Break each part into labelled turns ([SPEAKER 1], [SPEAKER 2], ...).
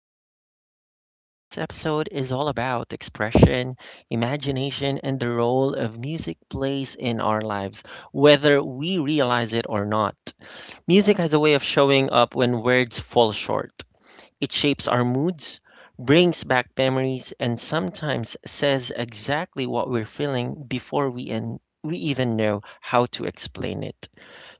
[SPEAKER 1] I'm your host, Kian, and today's episode is all about expression, imagination, and the role of music plays in our lives, whether we realize it or not. Music has a way of showing up when words fall short. It shapes our moods, brings back memories, and sometimes says exactly what we're feeling before we even know how to explain it.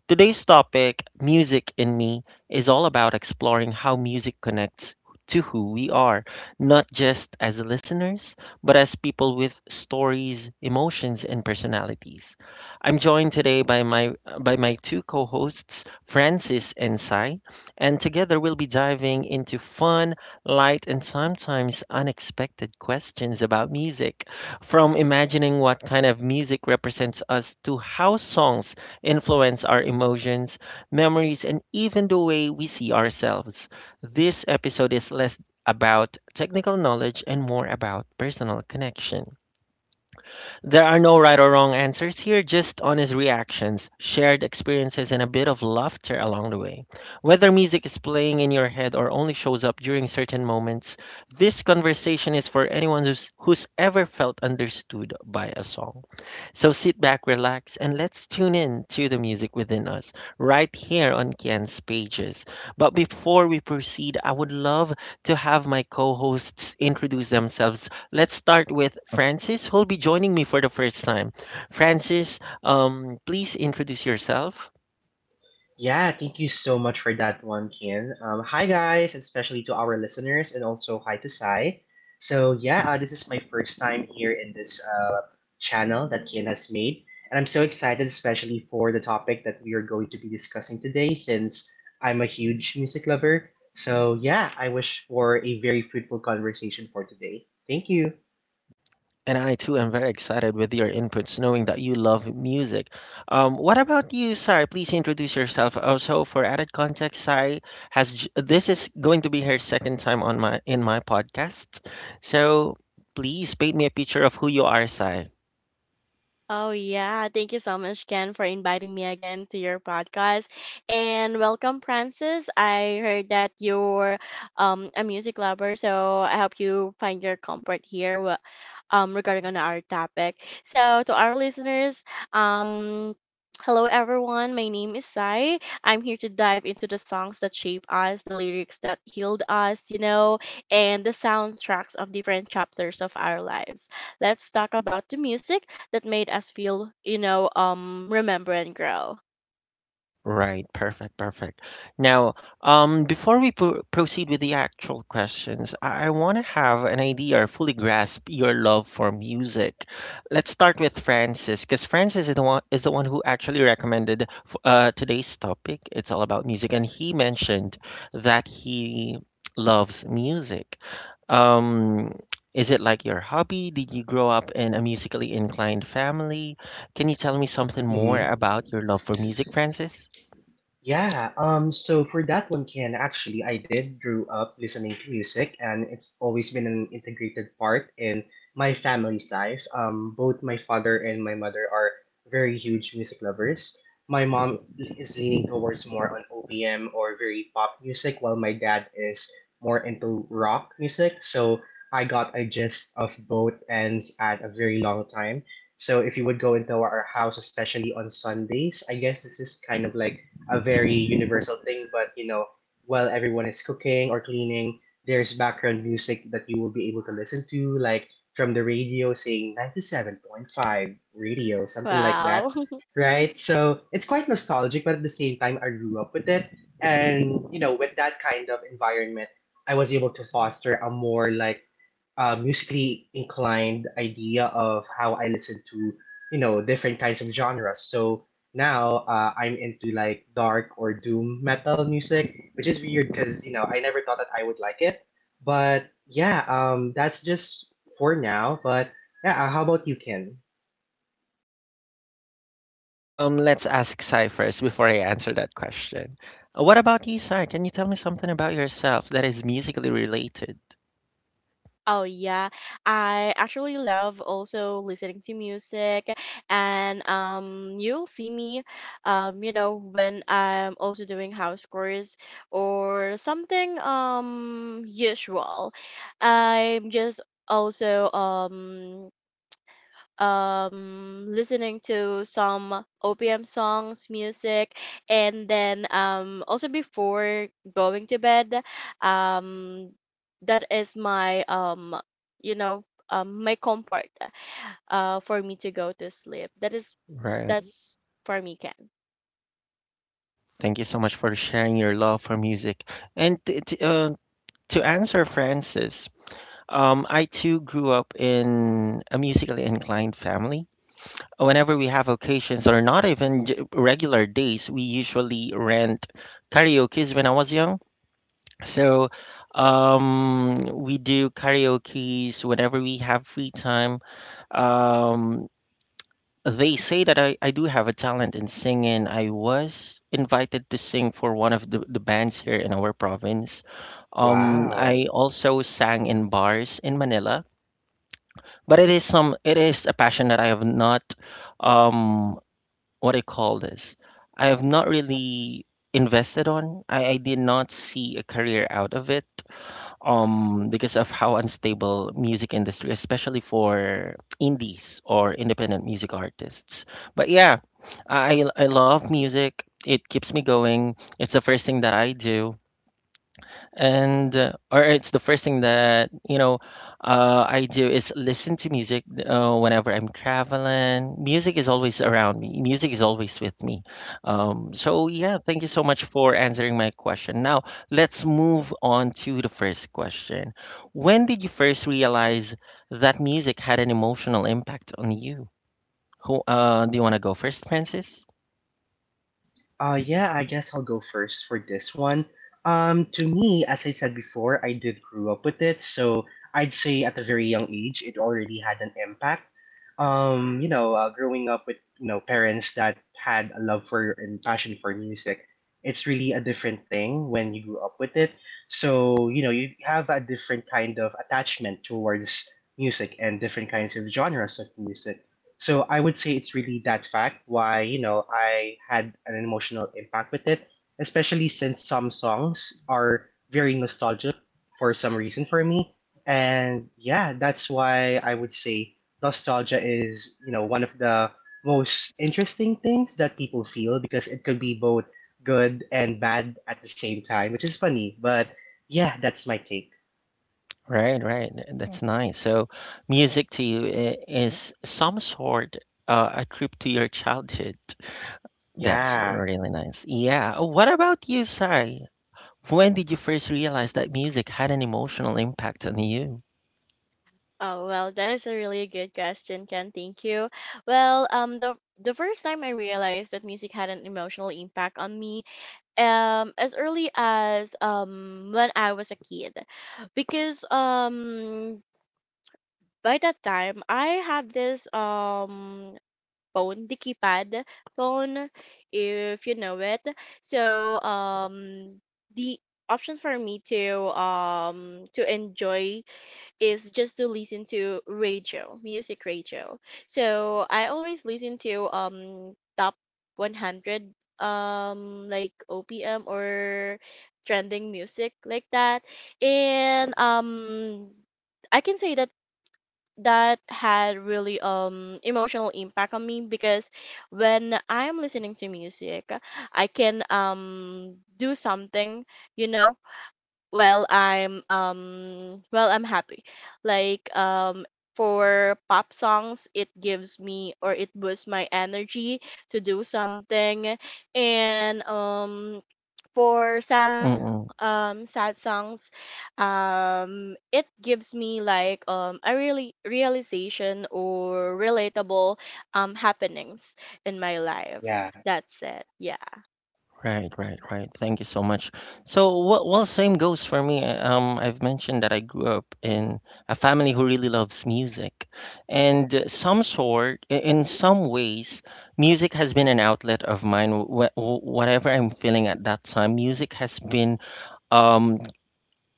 [SPEAKER 1] Today's topic, Music in Me, is all about exploring how music connects to who we are, not just as listeners, but as people with stories, emotions, and personalities. I'm joined today by my two co-hosts, Francis and Sai, and together we'll be diving into fun, light, and sometimes unexpected questions about music, from imagining what kind of music represents us to how songs influence our emotions, memories, and even the way we see ourselves. This episode is less about technical knowledge and more about personal connection. There are no right or wrong answers here, just honest reactions, shared experiences, and a bit of laughter along the way. Whether music is playing in your head or only shows up during certain moments, this conversation is for anyone who's ever felt understood by a song. So sit back, relax, and let's tune in to the music within us right here on Kian's Pages. But before we proceed, I would love to have my co hosts introduce themselves. Let's start with Francis, who'll be joining me for the first time. Francis, please introduce yourself.
[SPEAKER 2] Yeah, thank you so much for that one, Kian. Hi, guys, especially to our listeners, and also hi to Sai. This is my first time here in this channel that Kian has made, and I'm so excited, especially for the topic that we are going to be discussing today, since I'm a huge music lover. So, yeah, I wish for a very fruitful conversation for today. Thank you.
[SPEAKER 1] And I too am very excited with your inputs, knowing that you love music. What about you, Sai? Please introduce yourself. Also, for added context, Sai this is going to be her second time on my podcast. So please paint me a picture of who you are, Sai.
[SPEAKER 3] Oh, yeah. Thank you so much, Ken, for inviting me again to your podcast. And welcome, Francis. I heard that you're a music lover, so I hope you find your comfort here regarding on our topic. So to our listeners, um, hello everyone. My name is Sai. I'm here to dive into the songs that shape us, the lyrics that healed us, and the soundtracks of different chapters of our lives. Let's talk about the music that made us feel, remember and grow.
[SPEAKER 1] Right, perfect, perfect. Now, before we proceed with the actual questions, I want to have an idea or fully grasp your love for music. Let's start with Francis, because Francis is the one who actually recommended today's topic. It's all about music, and he mentioned that he loves music. Um, is it like your hobby? Did you grow up in a musically inclined family? Can you tell me something more
[SPEAKER 2] Mhm.
[SPEAKER 1] about your love for music, Francis?
[SPEAKER 2] Yeah, so for that one, Ken, actually, I did grow up listening to music, and it's always been an integrated part in my family's life. Both my father and my mother are very huge music lovers. My mom is leaning towards more on OPM or very pop music, while my dad is more into rock music. So I got a gist of both ends at a very long time. So if you would go into our house, especially on Sundays, I guess this is kind of like a very universal thing, but while everyone is cooking or cleaning, there's background music that you will be able to listen to, like from the radio saying 97.5 radio, something like that,
[SPEAKER 3] Wow.
[SPEAKER 2] right? So it's quite nostalgic, but at the same time, I grew up with it. And, with that kind of environment, I was able to foster a more musically inclined idea of how I listen to, different kinds of genres. So now I'm into like dark or doom metal music, which is weird because, I never thought that I would like it. But that's just for now. But yeah, how about you, Ken?
[SPEAKER 1] Let's ask Sai first before I answer that question. What about you, Sai? Can you tell me something about yourself that is musically related?
[SPEAKER 3] Oh yeah, I actually love also listening to music, and you'll see me, when I'm also doing house chores or something usual. I'm just also listening to some OPM songs, music, and then also before going to bed, um that is my you know my comfort for me to go to sleep. That is
[SPEAKER 1] Right.
[SPEAKER 3] that's for me, Ken.
[SPEAKER 1] Thank you so much for sharing your love for music. And to answer Francis, I too grew up in a musically inclined family. Whenever we have occasions or not even regular days, we usually rent karaoke's when I was young. So, we do karaoke's whenever we have free time. Um, they say that I do have a talent in singing. I was invited to sing for one of the bands here in our province.
[SPEAKER 2] Wow.
[SPEAKER 1] I also sang in bars in Manila, but it is a passion that I have not um what do you call this? I have not really invested on. I did not see a career out of it because of how unstable music industry, especially for indies or independent music artists. But yeah, I love music. It keeps me going. It's the first thing that I do, and or it's the first thing that, you know, I do is listen to music, whenever I'm traveling. Music is always around me. Music is always with me. So yeah, thank you so much for answering my question. Now let's move on to the first question. When did you first realize that music had an emotional impact on you? Who, do you want to go first, Francis?
[SPEAKER 2] Yeah, I guess I'll go first for this one. To me, as I said before, I did grew up with it, so I'd say at a very young age, it already had an impact. Growing up with parents that had a love for and passion for music, it's really a different thing when you grew up with it. So you have a different kind of attachment towards music and different kinds of genres of music. So I would say it's really that fact why, I had an emotional impact with it, especially since some songs are very nostalgic for some reason for me. And yeah, that's why I would say nostalgia is, one of the most interesting things that people feel because it could be both good and bad at the same time, which is funny. But yeah, that's my take.
[SPEAKER 1] Right, right. That's nice. So, music to you is some sort, a trip to your childhood. That's
[SPEAKER 2] Yeah,
[SPEAKER 1] really nice. Yeah. What about you, Sai? When did you first realize that music had an emotional impact on you?
[SPEAKER 3] Oh well, that is a really good question, Ken. Thank you. Well, the first time I realized that music had an emotional impact on me as early as when I was a kid, because by that time I have this phone, the keypad phone, if you know it. So the option for me to enjoy is just to listen to radio, music radio. So I always listen to top 100, like OPM or trending music like that. And I can say that that had really emotional impact on me, because when I'm listening to music, I can do something, you know, well, I'm happy. Like, for pop songs, it gives me or it boosts my energy to do something. And for some sad songs, it gives me like a really realization or relatable happenings in my life.
[SPEAKER 2] yeah.
[SPEAKER 3] That's it. Yeah.
[SPEAKER 1] Right, right, right. Thank you so much. So, same goes for me. I've mentioned that I grew up in a family who really loves music, and in some ways, music has been an outlet of mine. Whatever I'm feeling at that time, music has been, um,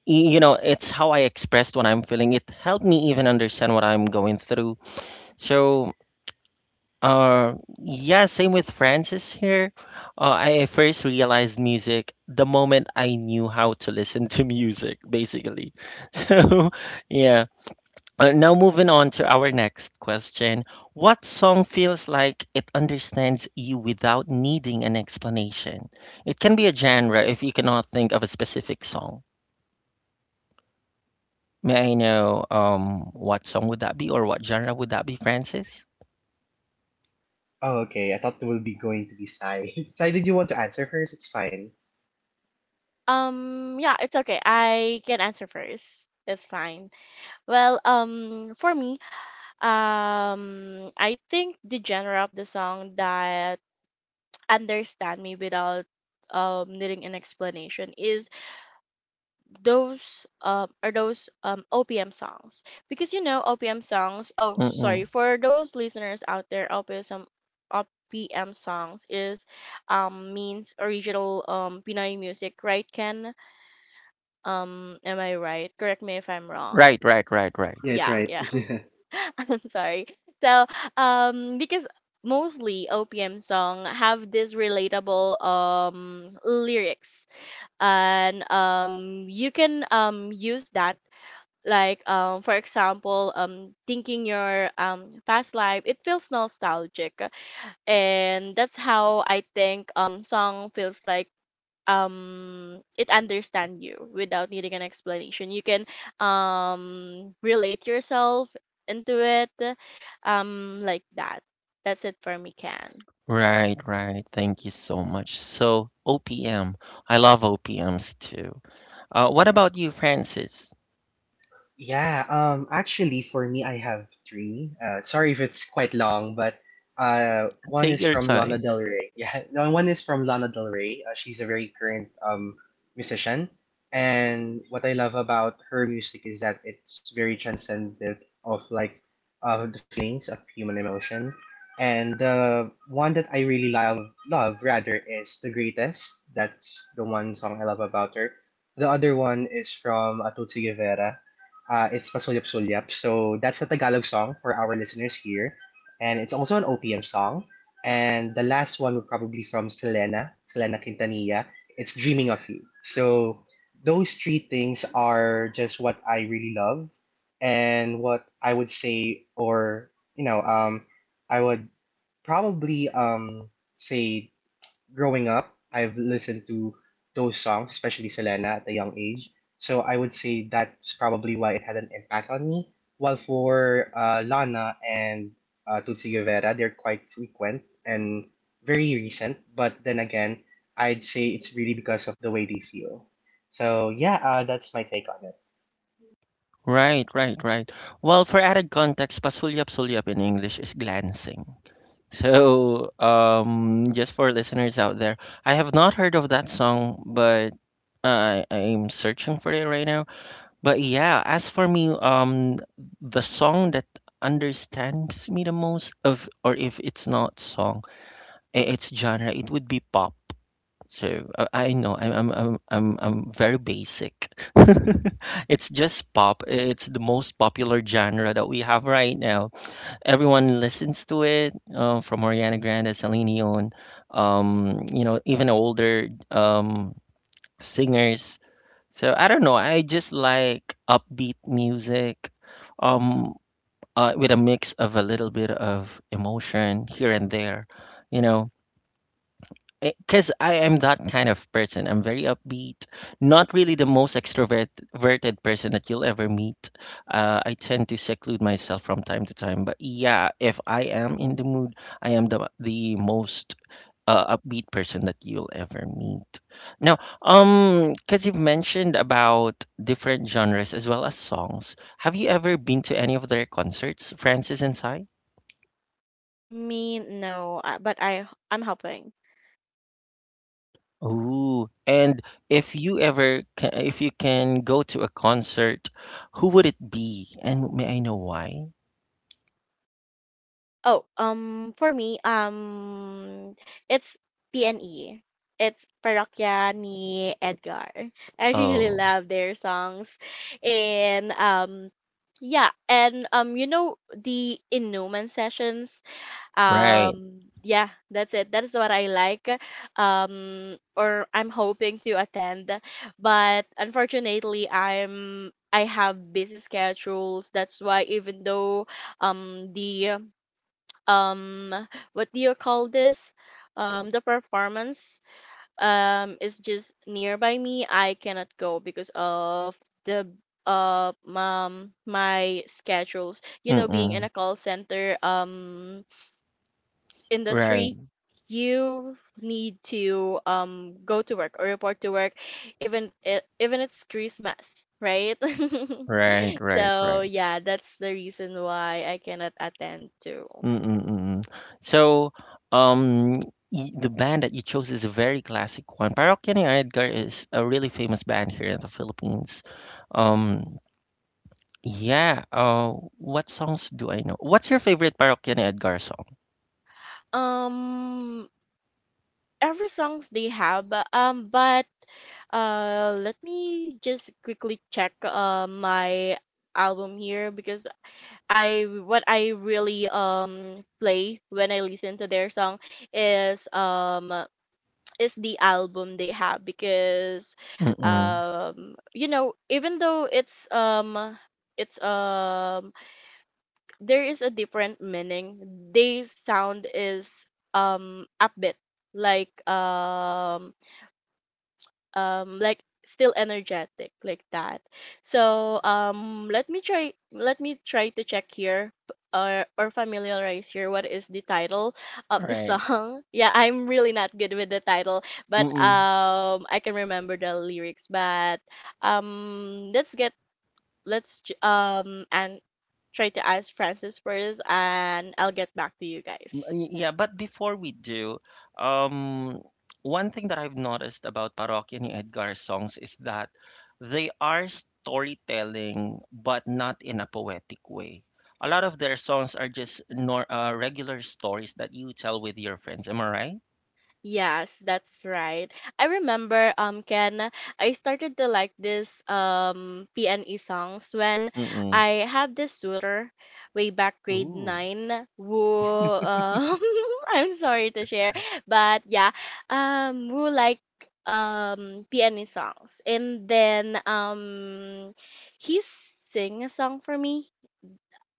[SPEAKER 1] you know, it's how I expressed what I'm feeling. It helped me even understand what I'm going through. So. Uh, yeah, same with Francis here. I first realized music the moment I knew how to listen to music, basically. So, yeah. Now, moving on to our next question. What song feels like it understands you without needing an explanation? It can be a genre if you cannot think of a specific song. May I know what song would that be or what genre would that be, Francis?
[SPEAKER 2] Oh, okay. I thought it will be going to be Sai. Sai, did you want to answer first? It's fine.
[SPEAKER 3] Yeah, it's okay. I can answer first. It's fine. Well, for me, I think the genre of the song that understand me without needing an explanation is those OPM songs. Because, you know, OPM songs. Oh, sorry
[SPEAKER 1] Mm-mm.
[SPEAKER 3] for those listeners out there, OPM songs is means original Pinoy music, right, Ken? Um, am I right? Correct me if I'm wrong.
[SPEAKER 1] Right, right, right, right.
[SPEAKER 2] Yes,
[SPEAKER 3] Yeah,
[SPEAKER 2] right.
[SPEAKER 3] yeah. I'm sorry. So, because mostly OPM song have this relatable lyrics, and you can use that, like, for example, thinking your past life, it feels nostalgic. And that's how I think song feels like it understand you without needing an explanation. You can relate yourself into it, like that. That's it for me, can
[SPEAKER 1] Right, right. Thank you so much. So, OPM, I love OPMs too. What about you, Francis?
[SPEAKER 2] Yeah, Actually, for me, I have three. Sorry if it's quite long, but one is
[SPEAKER 1] Take your
[SPEAKER 2] from Lana
[SPEAKER 1] time.
[SPEAKER 2] Del Rey. Yeah, no, one is from Lana Del Rey. She's a very current musician, and what I love about her music is that it's very transcendent of of the feelings of human emotion. And the one that I really love rather, is The Greatest. That's the one song I love about her. The other one is from Atutsi Guevara. It's Pasulyap Sulyap. So that's a Tagalog song for our listeners here. And it's also an OPM song. And the last one would probably from Selena Quintanilla. It's Dreaming of You. So those three things are just what I really love and what I would say, or you know, um, I would probably say growing up, I've listened to those songs, especially Selena, at a young age. So I would say that's probably why it had an impact on me. While for Lana and Tutsi Guevara, they're quite frequent and very recent. But then again, I'd say it's really because of the way they feel. So that's my take on it.
[SPEAKER 1] Right, right, right. Well, for added context, pasulyap-sulyap in English is glancing. So, just for listeners out there, I have not heard of that song, but I'm searching for it right now. But yeah, as for me, the song that understands me the most of, or if it's not song, its genre, it would be pop. So I know I'm very basic. It's just pop. It's the most popular genre that we have right now. Everyone listens to it, from Ariana Grande, Celine Dion, you know, even older singers. So I don't know. I just like upbeat music, um, with a mix of a little bit of emotion here and there, you know, because I am that kind of person. I'm very upbeat, not really the most extroverted person that you'll ever meet. I tend to seclude myself from time to time, but yeah, if I am in the mood, I am the most upbeat person that you'll ever meet. Now, because you've mentioned about different genres as well as songs, have you ever been to any of their concerts, Francis and Si?
[SPEAKER 3] me, no, but I'm helping.
[SPEAKER 1] Ooh, and if you can go to a concert, who would it be? And may I know why?
[SPEAKER 3] Oh, um, for me, um, it's pne it's Parokya ni Edgar. I really
[SPEAKER 1] Oh,
[SPEAKER 3] love their songs. And yeah, and um, you know, the Inuman sessions.
[SPEAKER 1] right.
[SPEAKER 3] Yeah, that's it. That's what I like. Or I'm hoping to attend, but unfortunately I have busy schedules. That's why, even though the um what do you call this, the performance is just nearby me, I cannot go because of the my schedules, you know, being in
[SPEAKER 1] Mm-mm.
[SPEAKER 3] a call center
[SPEAKER 1] Right,
[SPEAKER 3] industry. You need to go to work or report to work, even even it's Christmas, right?
[SPEAKER 1] right, right,
[SPEAKER 3] So
[SPEAKER 1] right.
[SPEAKER 3] yeah, that's the reason why I cannot attend to.
[SPEAKER 1] Mm-mm-mm. So, um, the band that you chose is a very classic one. Parokya ni Edgar is a really famous band here in the Philippines. Um, yeah. What songs do I know? What's your favorite Parokya ni Edgar song?
[SPEAKER 3] um every songs they have, but uh, let me just quickly check uh, my album here. Because I what I really play when I listen to their song is the album they have. Because
[SPEAKER 1] Mm-mm.
[SPEAKER 3] you know, even though it's there is a different meaning, they sound is upbeat, like um like still energetic, like that. So um, let me try to check here, or familiarize here what is the title of the
[SPEAKER 1] Right.
[SPEAKER 3] song. Yeah, I'm really not good with the title, but
[SPEAKER 1] Mm-mm.
[SPEAKER 3] I can remember the lyrics. But let's get let's j- and try to ask Francis first and I'll get back to you guys.
[SPEAKER 1] Mm. Yeah, but before we do, um, one thing that I've noticed about Parokya ni Edgar songs is that they are storytelling, but not in a poetic way. A lot of their songs are just nor regular stories that you tell with your friends. Am I right?
[SPEAKER 3] Yes, that's right. I remember, um, Ken, I started to like this PNE songs when
[SPEAKER 1] Mm-mm.
[SPEAKER 3] I had this tutor way back grade
[SPEAKER 1] Ooh.
[SPEAKER 3] 9, who I'm sorry to share, but yeah, who like PNE songs. And then he sing a song for me.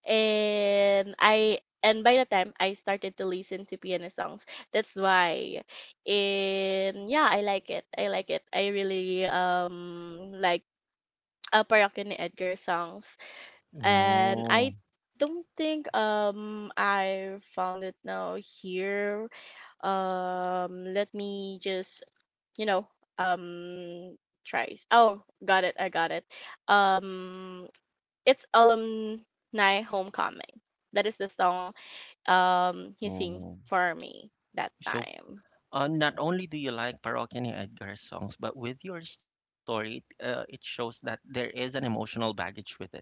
[SPEAKER 3] And I and by the time I started to listen to piano songs, that's why. And yeah, I like it. I like it. I really like Parokya ni Edgar songs, and I
[SPEAKER 1] Oh.
[SPEAKER 3] don't think I found it now here. Let me just, you know, um tries. Oh, got it. I got it. Um, it's Alumni Homecoming. That is the song he sing
[SPEAKER 1] Oh.
[SPEAKER 3] for me that
[SPEAKER 1] So,
[SPEAKER 3] time.
[SPEAKER 1] not only do you like Parokya ni Edgar's songs, but with your story, it shows that there is an emotional baggage with it.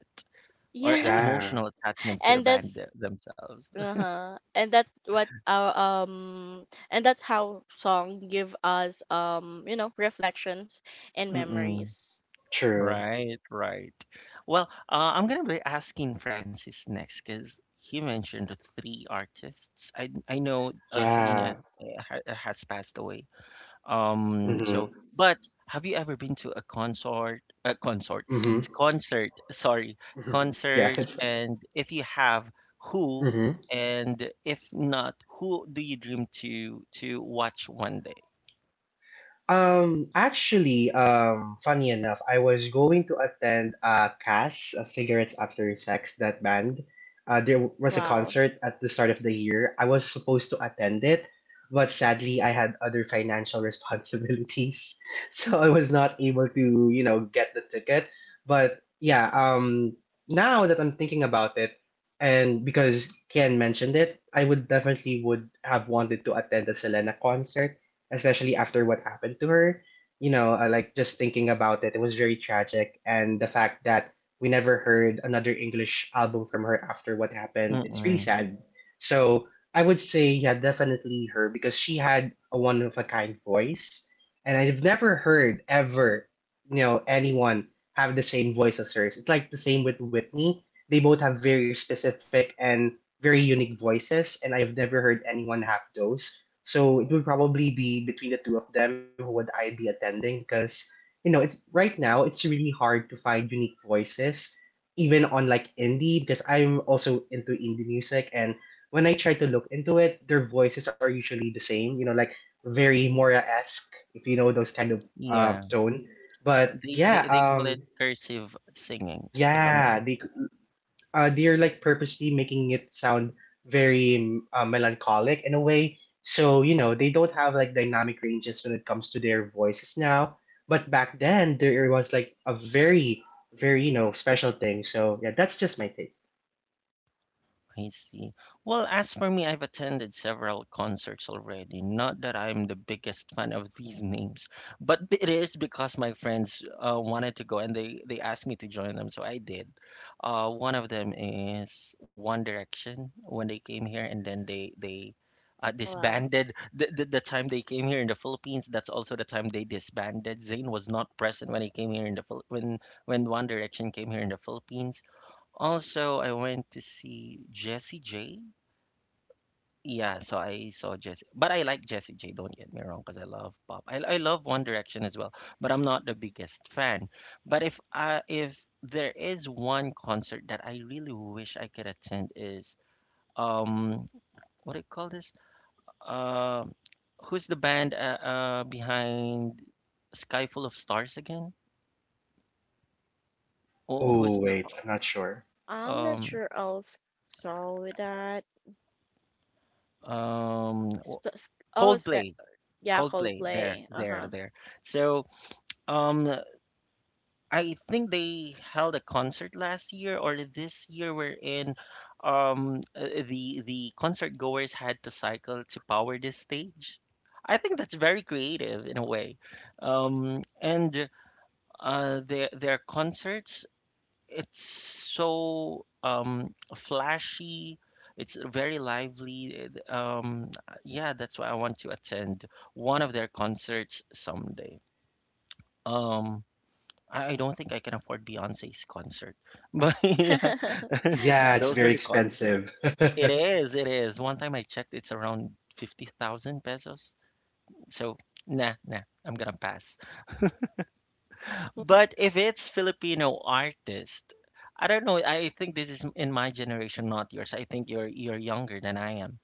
[SPEAKER 1] Or a
[SPEAKER 3] Yeah.
[SPEAKER 1] emotional
[SPEAKER 2] Yeah,
[SPEAKER 1] attachment to the
[SPEAKER 3] And
[SPEAKER 1] band
[SPEAKER 3] that's
[SPEAKER 1] themselves.
[SPEAKER 3] uh-huh. And that what our and that's how song give us, you know, reflections and
[SPEAKER 1] Mm-mm.
[SPEAKER 3] memories.
[SPEAKER 2] true.
[SPEAKER 1] Right, right. Well, I'm gonna be asking Francis next because he mentioned three artists. I know,
[SPEAKER 2] Yeah.
[SPEAKER 1] Selena, ha has passed away. So
[SPEAKER 2] Mhm.
[SPEAKER 1] but have you ever been to a consort,
[SPEAKER 2] Mhm. Mhm.
[SPEAKER 1] concert? Sorry,
[SPEAKER 2] Yeah,
[SPEAKER 1] concert.
[SPEAKER 2] it's
[SPEAKER 1] And if you have, who?
[SPEAKER 2] Mhm.
[SPEAKER 1] And if not, who do you dream to watch one day?
[SPEAKER 2] Actually, funny enough, I was going to attend CAS, Cigarettes After Sex, that band. There was a
[SPEAKER 3] Wow.
[SPEAKER 2] concert at the start of the year. I was supposed to attend it, but sadly I had other financial responsibilities. So I was not able to, get the ticket. But now that I'm thinking about it, and because Ken mentioned it, I would definitely would have wanted to attend the Selena concert, especially after what happened to her. I like just thinking about it, it was very tragic, and the fact that we never heard another English album from her after what happened, it's really
[SPEAKER 1] Mm,
[SPEAKER 2] sad. So I would say, yeah, definitely her because she had a one of a kind voice and I've never heard ever, anyone have the same voice as hers. It's like the same with Whitney. They both have very specific and very unique voices, and I've never heard anyone have those. So it would probably be between the two of them who would I be attending because it's right now it's really hard to find unique voices even on like indie because I'm also into indie music and when I try to look into it, their voices are usually the same. You know, like very Moria esque if you know those kind of
[SPEAKER 1] yeah.
[SPEAKER 2] tone. But
[SPEAKER 1] They
[SPEAKER 2] yeah,
[SPEAKER 1] they call it
[SPEAKER 2] um,
[SPEAKER 1] cursive singing, if I'm not
[SPEAKER 2] yeah,
[SPEAKER 1] mistaken.
[SPEAKER 2] they're like purposely making it sound very melancholic in a way. So you know they don't have like dynamic ranges when it comes to their voices now. But back then there was like a very very you know special thing. So yeah, that's just my take.
[SPEAKER 1] I see. Well, as for me, I've attended several concerts already. Not that I'm the biggest fan of these names, but it is because my friends wanted to go and they asked me to join them, so I did. One of them is One Direction when they came here, and then they
[SPEAKER 3] Oh wow.
[SPEAKER 1] disbanded. The time they came here in the Philippines, that's also the time they disbanded. Zayn was not present when he came here in when One Direction came here in the Philippines. Also, I went to see Jessie J. Yeah, so I saw Jessie, but I like Jessie J. Don't get me wrong, because I love pop. I love One Direction as well, but I'm not the biggest fan. But if there is one concert that I really wish I could attend is um what do you call this? Uh, Who's the band, behind Sky Full of Stars again? Or
[SPEAKER 2] Oh
[SPEAKER 1] who's the
[SPEAKER 2] wait,
[SPEAKER 3] Oh,
[SPEAKER 2] I'm not sure.
[SPEAKER 3] I'm not
[SPEAKER 1] um
[SPEAKER 3] sure I'll solve with that.
[SPEAKER 1] um
[SPEAKER 3] S-
[SPEAKER 1] w-
[SPEAKER 3] s- Oh, it's
[SPEAKER 1] Coldplay?
[SPEAKER 3] yeah,
[SPEAKER 1] Coldplay, there,
[SPEAKER 3] Coldplay.
[SPEAKER 1] there,
[SPEAKER 3] Uh-huh.
[SPEAKER 1] there. So, um, I think they held a concert last year or this year wherein the concert goers had to cycle to power this stage. I think that's very creative in a way. And their concerts, it's so flashy. It's very lively. Yeah, that's why I want to attend one of their concerts someday. Um, I don't think I can afford Beyonce's concert. But yeah,
[SPEAKER 2] Yeah, it's
[SPEAKER 1] those are
[SPEAKER 2] very
[SPEAKER 1] the concerts.
[SPEAKER 2] expensive.
[SPEAKER 1] It is, it is. One time I checked, it's around 50,000 pesos. So, nah, nah, I'm gonna pass. But if it's Filipino artist, I don't know. I think this is in my generation, not yours. I think you're younger than I am.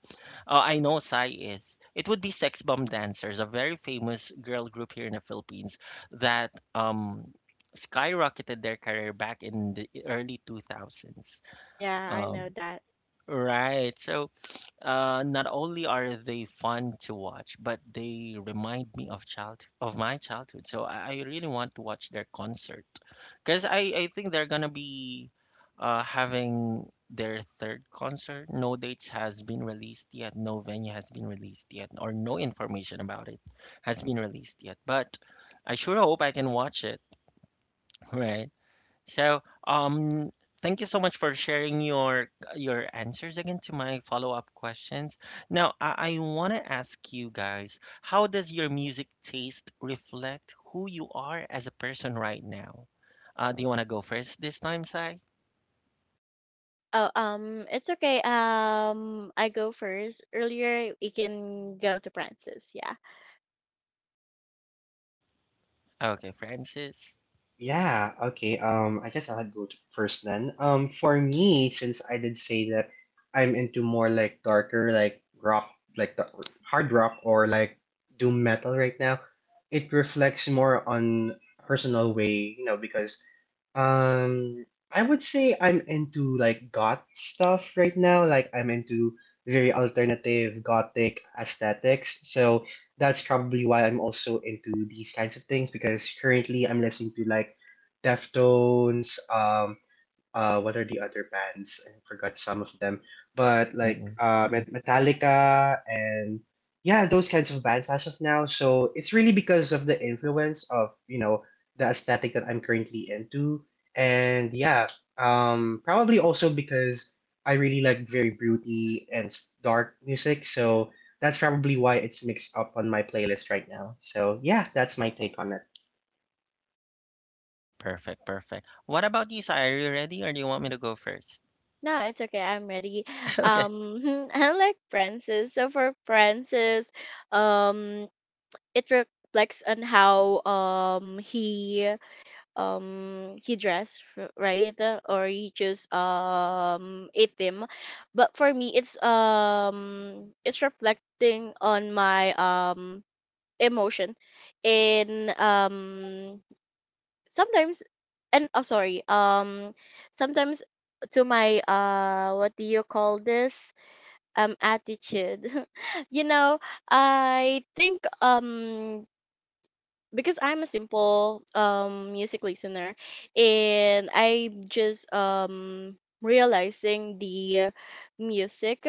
[SPEAKER 1] I know Psy is. It would be Sex Bomb Dancers, a very famous girl group here in the Philippines that skyrocketed their career back in the early 2000s.
[SPEAKER 3] Yeah, I know
[SPEAKER 1] Um,
[SPEAKER 3] that.
[SPEAKER 1] right. So not only are they fun to watch, but they remind me of child of my childhood. So I really want to watch their concert. Because I think they're gonna be having their 3rd concert. No dates has been released yet. No venue has been released yet, or no information about it has been released yet. But I sure hope I can watch it, right? So, thank you so much for sharing your answers again to my follow-up questions. Now, I want to ask you guys, how does your music taste reflect who you are as a person right now? Do you want to go first this time, Sai?
[SPEAKER 3] Oh, it's okay. I go first. Earlier, we can go to Francis. Yeah.
[SPEAKER 1] Okay, Francis.
[SPEAKER 2] Yeah, okay. I guess I'll go to first then. For me, since I did say that I'm into more like darker, like rock, like the hard rock or like doom metal right now, it reflects more on personal way, because um, I would say I'm into like goth stuff right now. Like I'm into very alternative gothic aesthetics. So that's probably why I'm also into these kinds of things because currently I'm listening to like Deftones, what are the other bands? I forgot some of them. But like
[SPEAKER 1] Mm-mm.
[SPEAKER 2] Metallica and yeah, those kinds of bands as of now. So it's really because of the influence of, the aesthetic that I'm currently into. And probably also because I really like very broody and dark music. So that's probably why it's mixed up on my playlist right now. So yeah, that's my take on it.
[SPEAKER 1] Perfect, perfect. What about you, Sai? Are you ready, or do you want me to go first?
[SPEAKER 3] No, it's okay. I'm ready.
[SPEAKER 1] Okay.
[SPEAKER 3] I like Francis. So for Francis, um, it reflects on how he dressed, right? Or he chose a theme. But for me, it's reflecting on my emotion in sometimes. And oh, sorry, um, sometimes to my uh, what do you call this, attitude. You know, I think, um, because I'm a simple music listener, and I'm just realizing the music.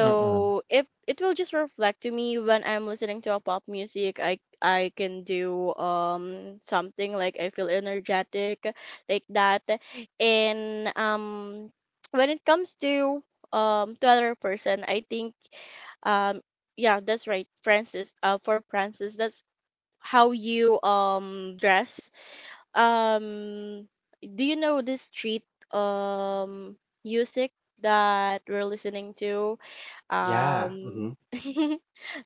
[SPEAKER 1] Mm-mm.
[SPEAKER 3] if it will just reflect to me, when I'm listening to a pop music, I can do something, like I feel energetic, like that. And when it comes to other person, I think um yeah, that's right, Francis. Uh, for Francis, that's how you dress. um do you know this street um music that we're listening to?
[SPEAKER 2] Yeah.
[SPEAKER 3] um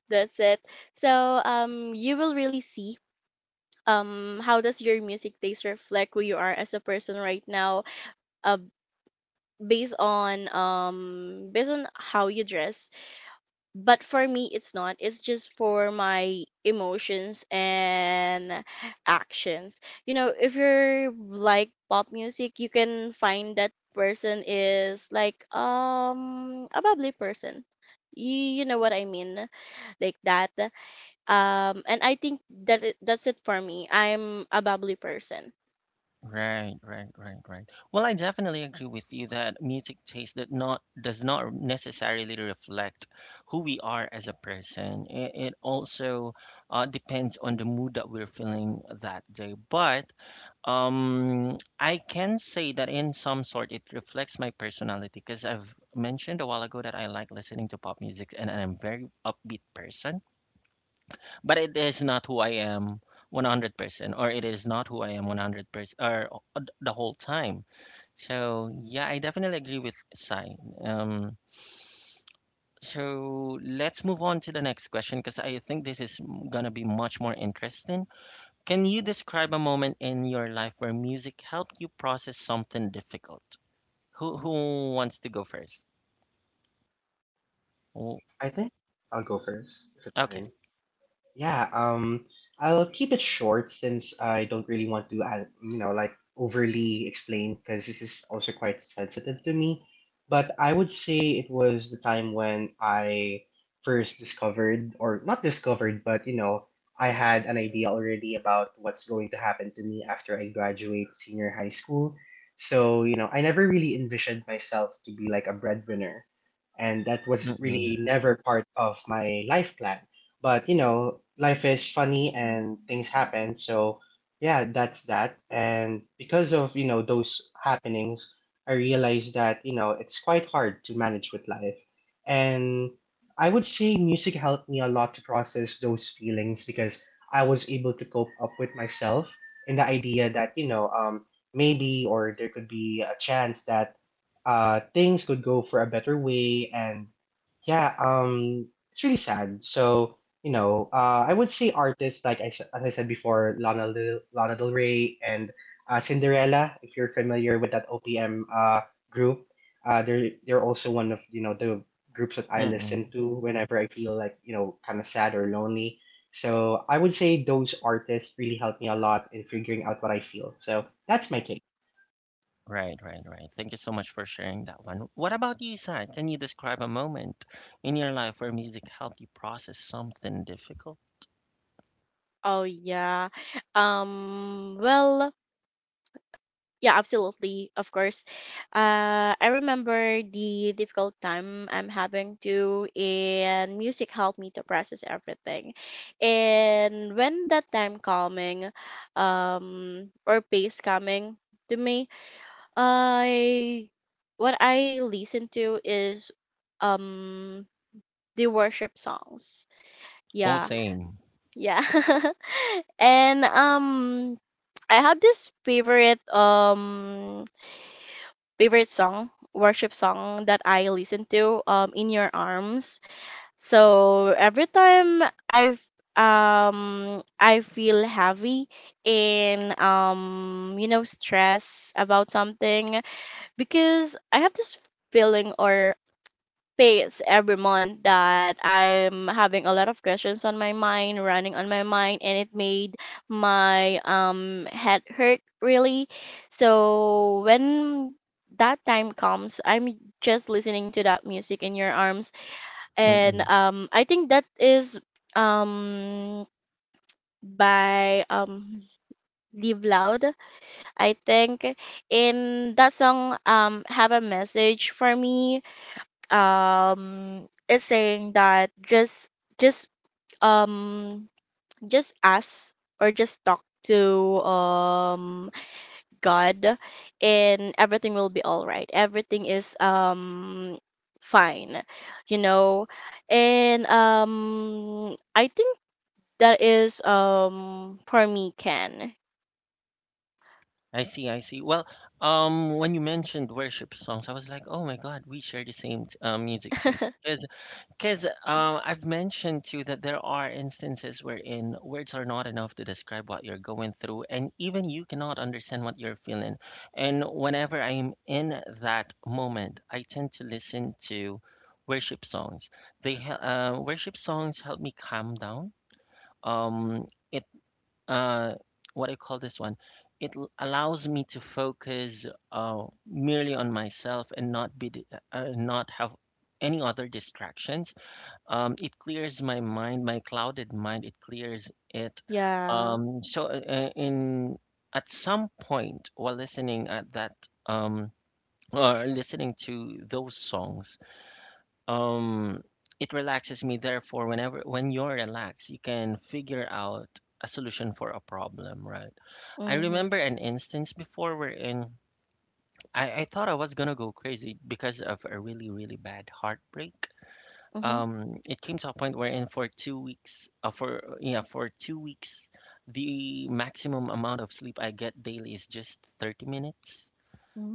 [SPEAKER 3] that's it. So um, you will really see, um, how does your music taste reflect who you are as a person right now, uh, based on based on how you dress. But for me, it's not. It's just for my emotions and actions. You know, if you're like pop music, you can find that person is like a bubbly person. You know what I mean? Like that. And I think that that's it for me. I'm a bubbly person.
[SPEAKER 1] Right, right, right, right. Well, I definitely agree with you that music taste that not does not necessarily reflect who we are as a person. It also depends on the mood that we're feeling that day. But I can say that in some sort it reflects my personality because I've mentioned a while ago that I like listening to pop music and I'm a very upbeat person but it is not who I am 100% or it is not who I am 100% or the whole time. So, yeah, I definitely agree with Sai. Um, so let's move on to the next question because I think this is gonna be much more interesting. Can you describe a moment in your life where music helped you process something difficult? Who wants to go first? Oh,
[SPEAKER 2] I think I'll go first if it's
[SPEAKER 1] okay.
[SPEAKER 2] fine. Yeah, um, I'll keep it short since I don't really want to, overly explain because this is also quite sensitive to me. But I would say it was the time when I first discovered, or not discovered, but I had an idea already about what's going to happen to me after I graduate senior high school. So, I never really envisioned myself to be like a breadwinner. And that was really
[SPEAKER 1] Mm-mm.
[SPEAKER 2] never part of my life plan but you know, life is funny and things happen. So yeah, that's that. And because of those happenings, I realized that you know it's quite hard to manage with life. And I would say music helped me a lot to process those feelings because I was able to cope up with myself in the idea that maybe or there could be a chance that things could go for a better way and yeah um it's really sad so I would say artists like as I said before, Lana Del Rey and Cinderella. If you're familiar with that OPM group, they're also one of the groups that I
[SPEAKER 1] Mm-mm.
[SPEAKER 2] listen to whenever I feel like you know kind of sad or lonely. So I would say those artists really helped me a lot in figuring out what I feel. So that's my take.
[SPEAKER 1] Right, right, right. Thank you so much for sharing that one. What about you, Sai? Can you describe a moment in your life where music helped you process something difficult?
[SPEAKER 3] Oh yeah, um, well, yeah, absolutely. Of course. I remember the difficult time I'm having to, and music helped me to process everything. And when that time coming, or pace coming to me, I, what I listen to, is um the worship songs.
[SPEAKER 1] Oh,
[SPEAKER 3] Yeah,
[SPEAKER 1] same.
[SPEAKER 3] yeah. And I have this favorite song, worship song, that I listen to, um, In Your Arms. So every time I, I feel heavy and um, you know, stress about something, because I have this feeling or phase every month that I'm having a lot of questions on my mind, running on my mind, and it made my head hurt really. So when that time comes, I'm just listening to that music, In Your Arms. And
[SPEAKER 1] Mm-mm.
[SPEAKER 3] um, I think that is um by Live Loud. I think in that song have a message for me, is saying that just um just ask, or just talk to, God, and everything will be all right. Everything is fine, you know. And um, I think that is, um, for me, can.
[SPEAKER 1] I see, I see. Well, when you mentioned worship songs, I was like, oh my God, we share the same music taste. Because I've mentioned too that there are instances wherein words are not enough to describe what you're going through, and even you cannot understand what you're feeling. And whenever I'm in that moment, I tend to listen to worship songs. Worship songs help me calm down. Um, it uh, what I call this one? It allows me to focus merely on myself and not be not have any other distractions, it clears my mind, my clouded mind. It clears it.
[SPEAKER 3] Yeah.
[SPEAKER 1] In at some point while listening at that, um, or listening to those songs, um, it relaxes me. Therefore, whenever when you're relaxed, you can figure out a solution for a problem, right? I
[SPEAKER 3] Mhm.
[SPEAKER 1] remember an instance before wherein I thought I was gonna go crazy because of a really, really bad heartbreak.
[SPEAKER 3] Mhm.
[SPEAKER 1] It came to a point wherein for 2 weeks, for yeah, for 2 weeks the maximum amount of sleep I get daily is just 30 minutes,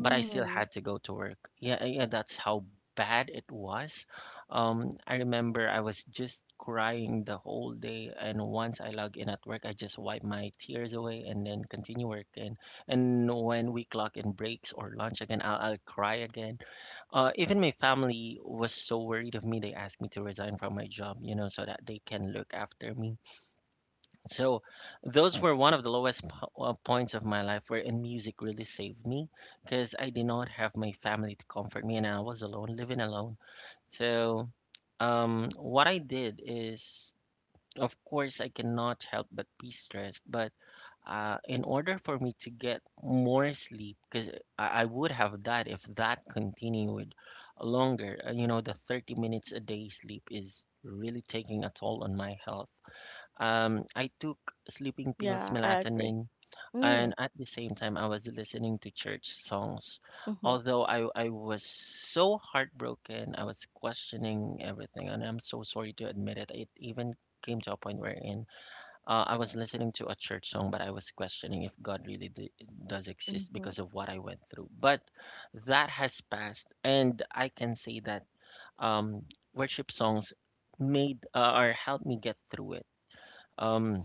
[SPEAKER 1] but I still had to go to work. Yeah, that's how bad it was. I remember I was just crying the whole day, and once I log in at work I just wipe my tears away and then continue working, and when we clock in breaks or lunch again I'll cry again. Even my family was so worried of me, they asked me to resign from my job, you know, so that they can look after me. So, those were one of the lowest points of my life wherein music really saved me because I did not have my family to comfort me and I was alone, living alone. So, what I did is, of course, I cannot help but be stressed, but in order for me to get more sleep, because I would have died if that continued longer. You know, the 30 minutes a day sleep is really taking a toll on my health. I took sleeping pills,
[SPEAKER 3] Yeah, I agree.
[SPEAKER 1] melatonin,
[SPEAKER 3] Mm.
[SPEAKER 1] and at the same time I was listening to church songs.
[SPEAKER 3] Mhm.
[SPEAKER 1] Although I was so heartbroken, I was questioning everything, and I'm so sorry to admit it. It even came to a point wherein I was listening to a church song, but I was questioning if God really d does exist
[SPEAKER 3] Mhm.
[SPEAKER 1] because of what I went through. But that has passed, and I can say that um, worship songs made or helped me get through it. Um,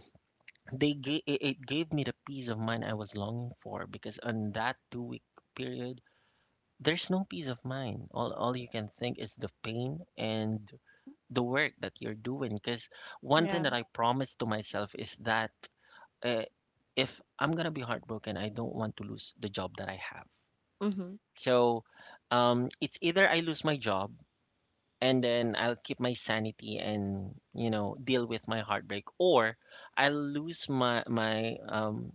[SPEAKER 1] they gave it gave me the peace of mind I was longing for because on that 2 week period there's no peace of mind, all you can think is the pain and the work that you're doing, because one thing
[SPEAKER 3] Yeah.
[SPEAKER 1] that I promised to myself is that uh, if I'm gonna be heartbroken I don't want to lose the job that I have.
[SPEAKER 3] Mhm.
[SPEAKER 1] So, it's either I lose my job and then I'll keep my sanity and you know deal with my heartbreak, or I lose my my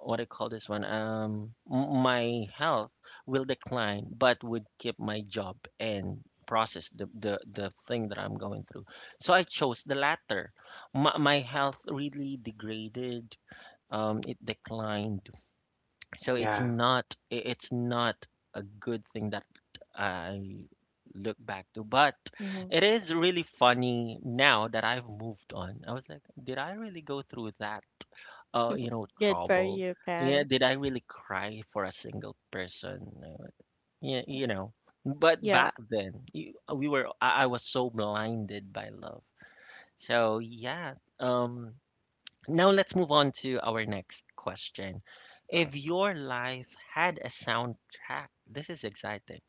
[SPEAKER 1] what I call this one, m- my health will decline, but would keep my job and process the thing that I'm going through. So I chose the latter. My health really degraded. It declined. So it's
[SPEAKER 2] Yeah.
[SPEAKER 1] not it's not a good thing that I look back to, but
[SPEAKER 3] Hmm.
[SPEAKER 1] it is really funny now that I've moved on. I was like, did I really go through that? You know,
[SPEAKER 3] Good for
[SPEAKER 1] trouble.
[SPEAKER 3] you,
[SPEAKER 1] Yeah,
[SPEAKER 3] Ken.
[SPEAKER 1] did I really cry for a single person? Yeah, you know. But
[SPEAKER 3] Yeah.
[SPEAKER 1] back then, I was so blinded by love. So yeah. Um, Now let's move on to our next question. If your life had a soundtrack, this is exciting.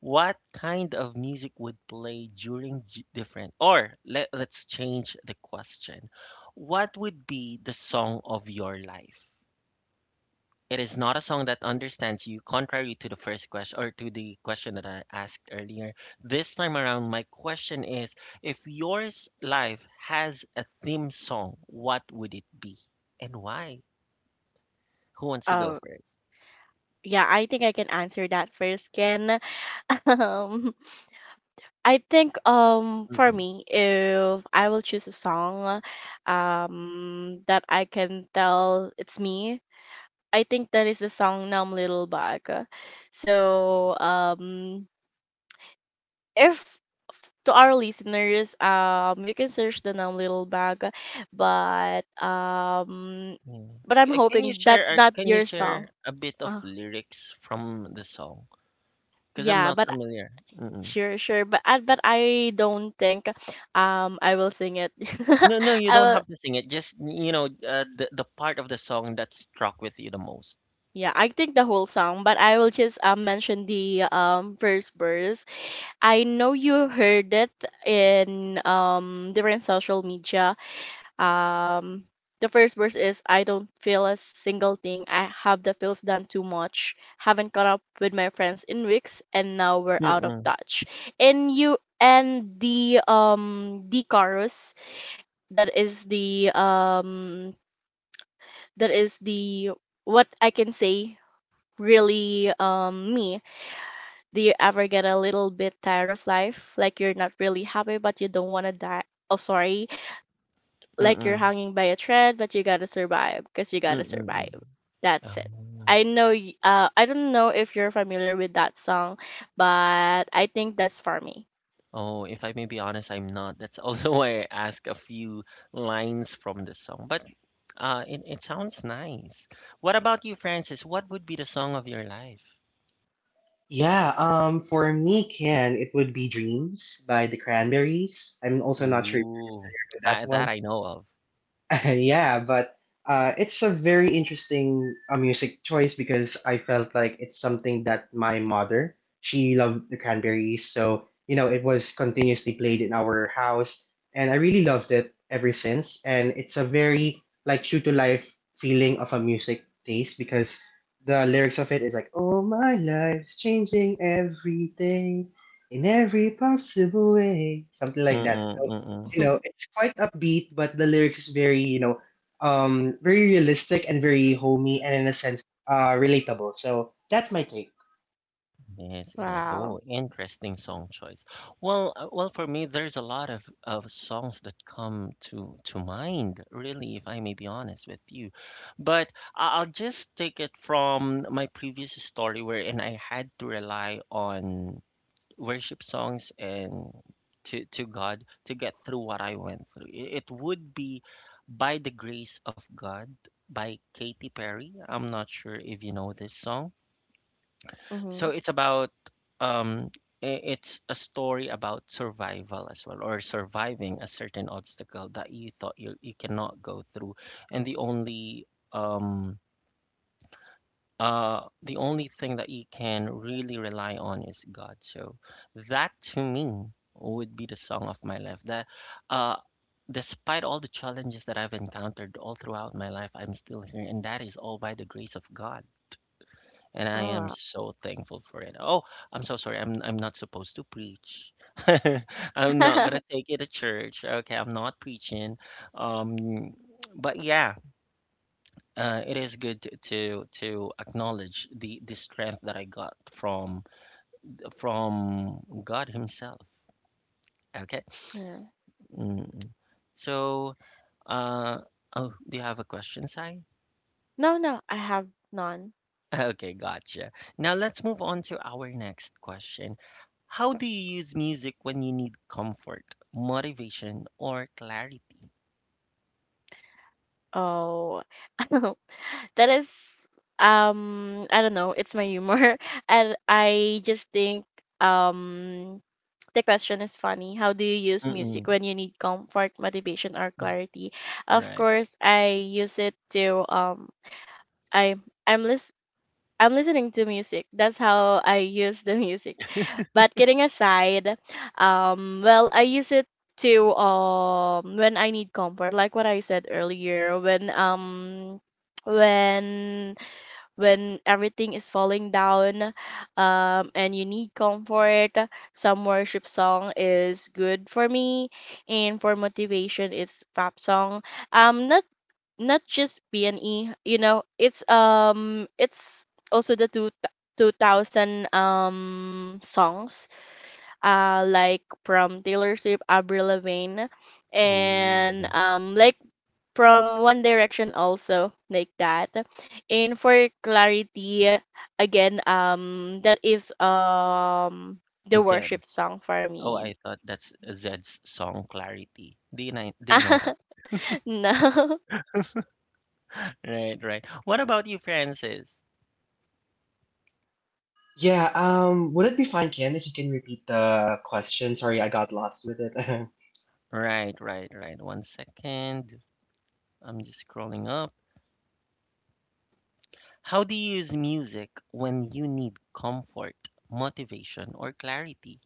[SPEAKER 1] What kind of music would play during let's change the question. What would be the song of your life? It is not a song that understands you, contrary to the first question or to the question that I asked earlier. This time around, my question is if yours life has a theme song, what would it be and why? Who wants to go
[SPEAKER 3] Oh,
[SPEAKER 1] first?
[SPEAKER 3] yeah, I think I can answer that first, Ken. Um, I think, um, for
[SPEAKER 1] Mm-mm.
[SPEAKER 3] me, if I will choose a song, that I can tell it's me, I think that is the song "Numb Little Bug." So if to our listeners, you can search the "Numb Little Bug," but um,
[SPEAKER 1] Mm.
[SPEAKER 3] but I'm hoping that's not
[SPEAKER 1] Can you
[SPEAKER 3] your
[SPEAKER 1] share
[SPEAKER 3] song.
[SPEAKER 1] a bit of
[SPEAKER 3] Uh,
[SPEAKER 1] lyrics from the song? Because I'm
[SPEAKER 3] yeah,
[SPEAKER 1] not
[SPEAKER 3] but
[SPEAKER 1] familiar. Mm-mm.
[SPEAKER 3] sure, sure, but but I don't think I will sing it.
[SPEAKER 1] No, no, you
[SPEAKER 3] I
[SPEAKER 1] don't
[SPEAKER 3] will,
[SPEAKER 1] have to sing it. Just you know, the part of the song that struck with you the most.
[SPEAKER 3] yeah, I think the whole song, but I will just mention the first verse. I know you heard it in different social media. Um, the first verse is: I don't feel a single thing. I have the feels done too much. Haven't caught up with my friends in weeks, and now we're out of
[SPEAKER 1] Mm-mm.
[SPEAKER 3] touch. And you, and the chorus, that is the, what I can say, really me. Do you ever get a little bit tired of life? Like you're not really happy, but you don't want to die. Oh, sorry, like you're
[SPEAKER 1] Mm-mm.
[SPEAKER 3] hanging by a thread, but you gotta survive because you gotta
[SPEAKER 1] Mm-mm.
[SPEAKER 3] survive. That's it.
[SPEAKER 1] Oh.
[SPEAKER 3] I know. I don't know if you're familiar with that song, but I think that's for me.
[SPEAKER 1] Oh, if I may be honest, I'm not. That's also why I ask a few lines from the song. But it sounds nice. What about you, Francis? What would be the song of your life?
[SPEAKER 2] Yeah, for me, Ken, it would be Dreams by the Cranberries. I'm also not sure if you've
[SPEAKER 1] Ooh,
[SPEAKER 2] heard of that
[SPEAKER 1] I,
[SPEAKER 2] one.
[SPEAKER 1] that I know of.
[SPEAKER 2] Yeah, but it's a very interesting music choice because I felt like it's something that my mother she loved the Cranberries, so you know it was continuously played in our house, and I really loved it ever since. And it's a very like true to life feeling of a music taste because the lyrics of it is like, "Oh, my life's changing every day." In every possible way, something like that.
[SPEAKER 1] Mm-mm,
[SPEAKER 2] So
[SPEAKER 1] mm-mm.
[SPEAKER 2] it's quite upbeat, but the lyrics is very, very realistic and very homey and in a sense, relatable. So that's my take.
[SPEAKER 1] Yes, it is. Oh,
[SPEAKER 3] Wow.
[SPEAKER 1] interesting song choice. Well, for me, there's a lot of songs that come to mind, really, if I may be honest with you. But I'll just take it from my previous story where, and I had to rely on worship songs and to God to get through what I went through. It would be "By the Grace of God" by Katy Perry. I'm not sure if you know this song, so
[SPEAKER 3] Mm-hmm.
[SPEAKER 1] it's about um it's a story about survival as well, or surviving a certain obstacle that you thought you cannot go through, and the only thing that you can really rely on is God. So that to me would be the song of my life that uh despite all the challenges that I've encountered all throughout my life I'm still here, and that is all by the grace of God, and
[SPEAKER 3] Oh,
[SPEAKER 1] I am
[SPEAKER 3] wow.
[SPEAKER 1] so thankful for it. Oh, I'm so sorry. I'm not supposed to preach. I'm not gonna take it to church. Okay, I'm not preaching. Um, but yeah, it is good to acknowledge the strength that I got from God Himself. Okay.
[SPEAKER 3] Yeah.
[SPEAKER 1] Mm. So, uh, oh, do you have a question, Sai?
[SPEAKER 3] No, no, I have none.
[SPEAKER 1] Okay, gotcha. Now let's move on to our next question. How do you use music when you need comfort, motivation, or clarity?
[SPEAKER 3] Oh, that is. I don't know. It's my humor, and I just think um The question is funny. How do you use music
[SPEAKER 1] Mm-mm.
[SPEAKER 3] when you need comfort, motivation, or clarity? Of
[SPEAKER 1] Right.
[SPEAKER 3] course, I use it to. I I'm lis- I'm listening to music. That's how I use the music. But kidding aside, well, I use it to when I need comfort, like what I said earlier, when when everything is falling down, and you need comfort, some worship song is good for me. And for motivation, it's pop song. Not not just P and E. You know, it's also the two 2000 songs like from Taylor Swift, Avril Lavigne,
[SPEAKER 1] Oh,
[SPEAKER 3] and like from One Direction also like that. And for clarity, again, that is the
[SPEAKER 1] Zed.
[SPEAKER 3] worship song for
[SPEAKER 1] Oh,
[SPEAKER 3] me.
[SPEAKER 1] I thought that's Zed's song Clarity. Do you know that?
[SPEAKER 3] No.
[SPEAKER 1] Right, right. What about you, Francis?
[SPEAKER 2] Yeah. Would it be fine, Ken, if you can repeat the question? Sorry, I got lost with it.
[SPEAKER 1] Right, right, right. One second. I'm just scrolling up. How do you use music when you need comfort, motivation, or clarity?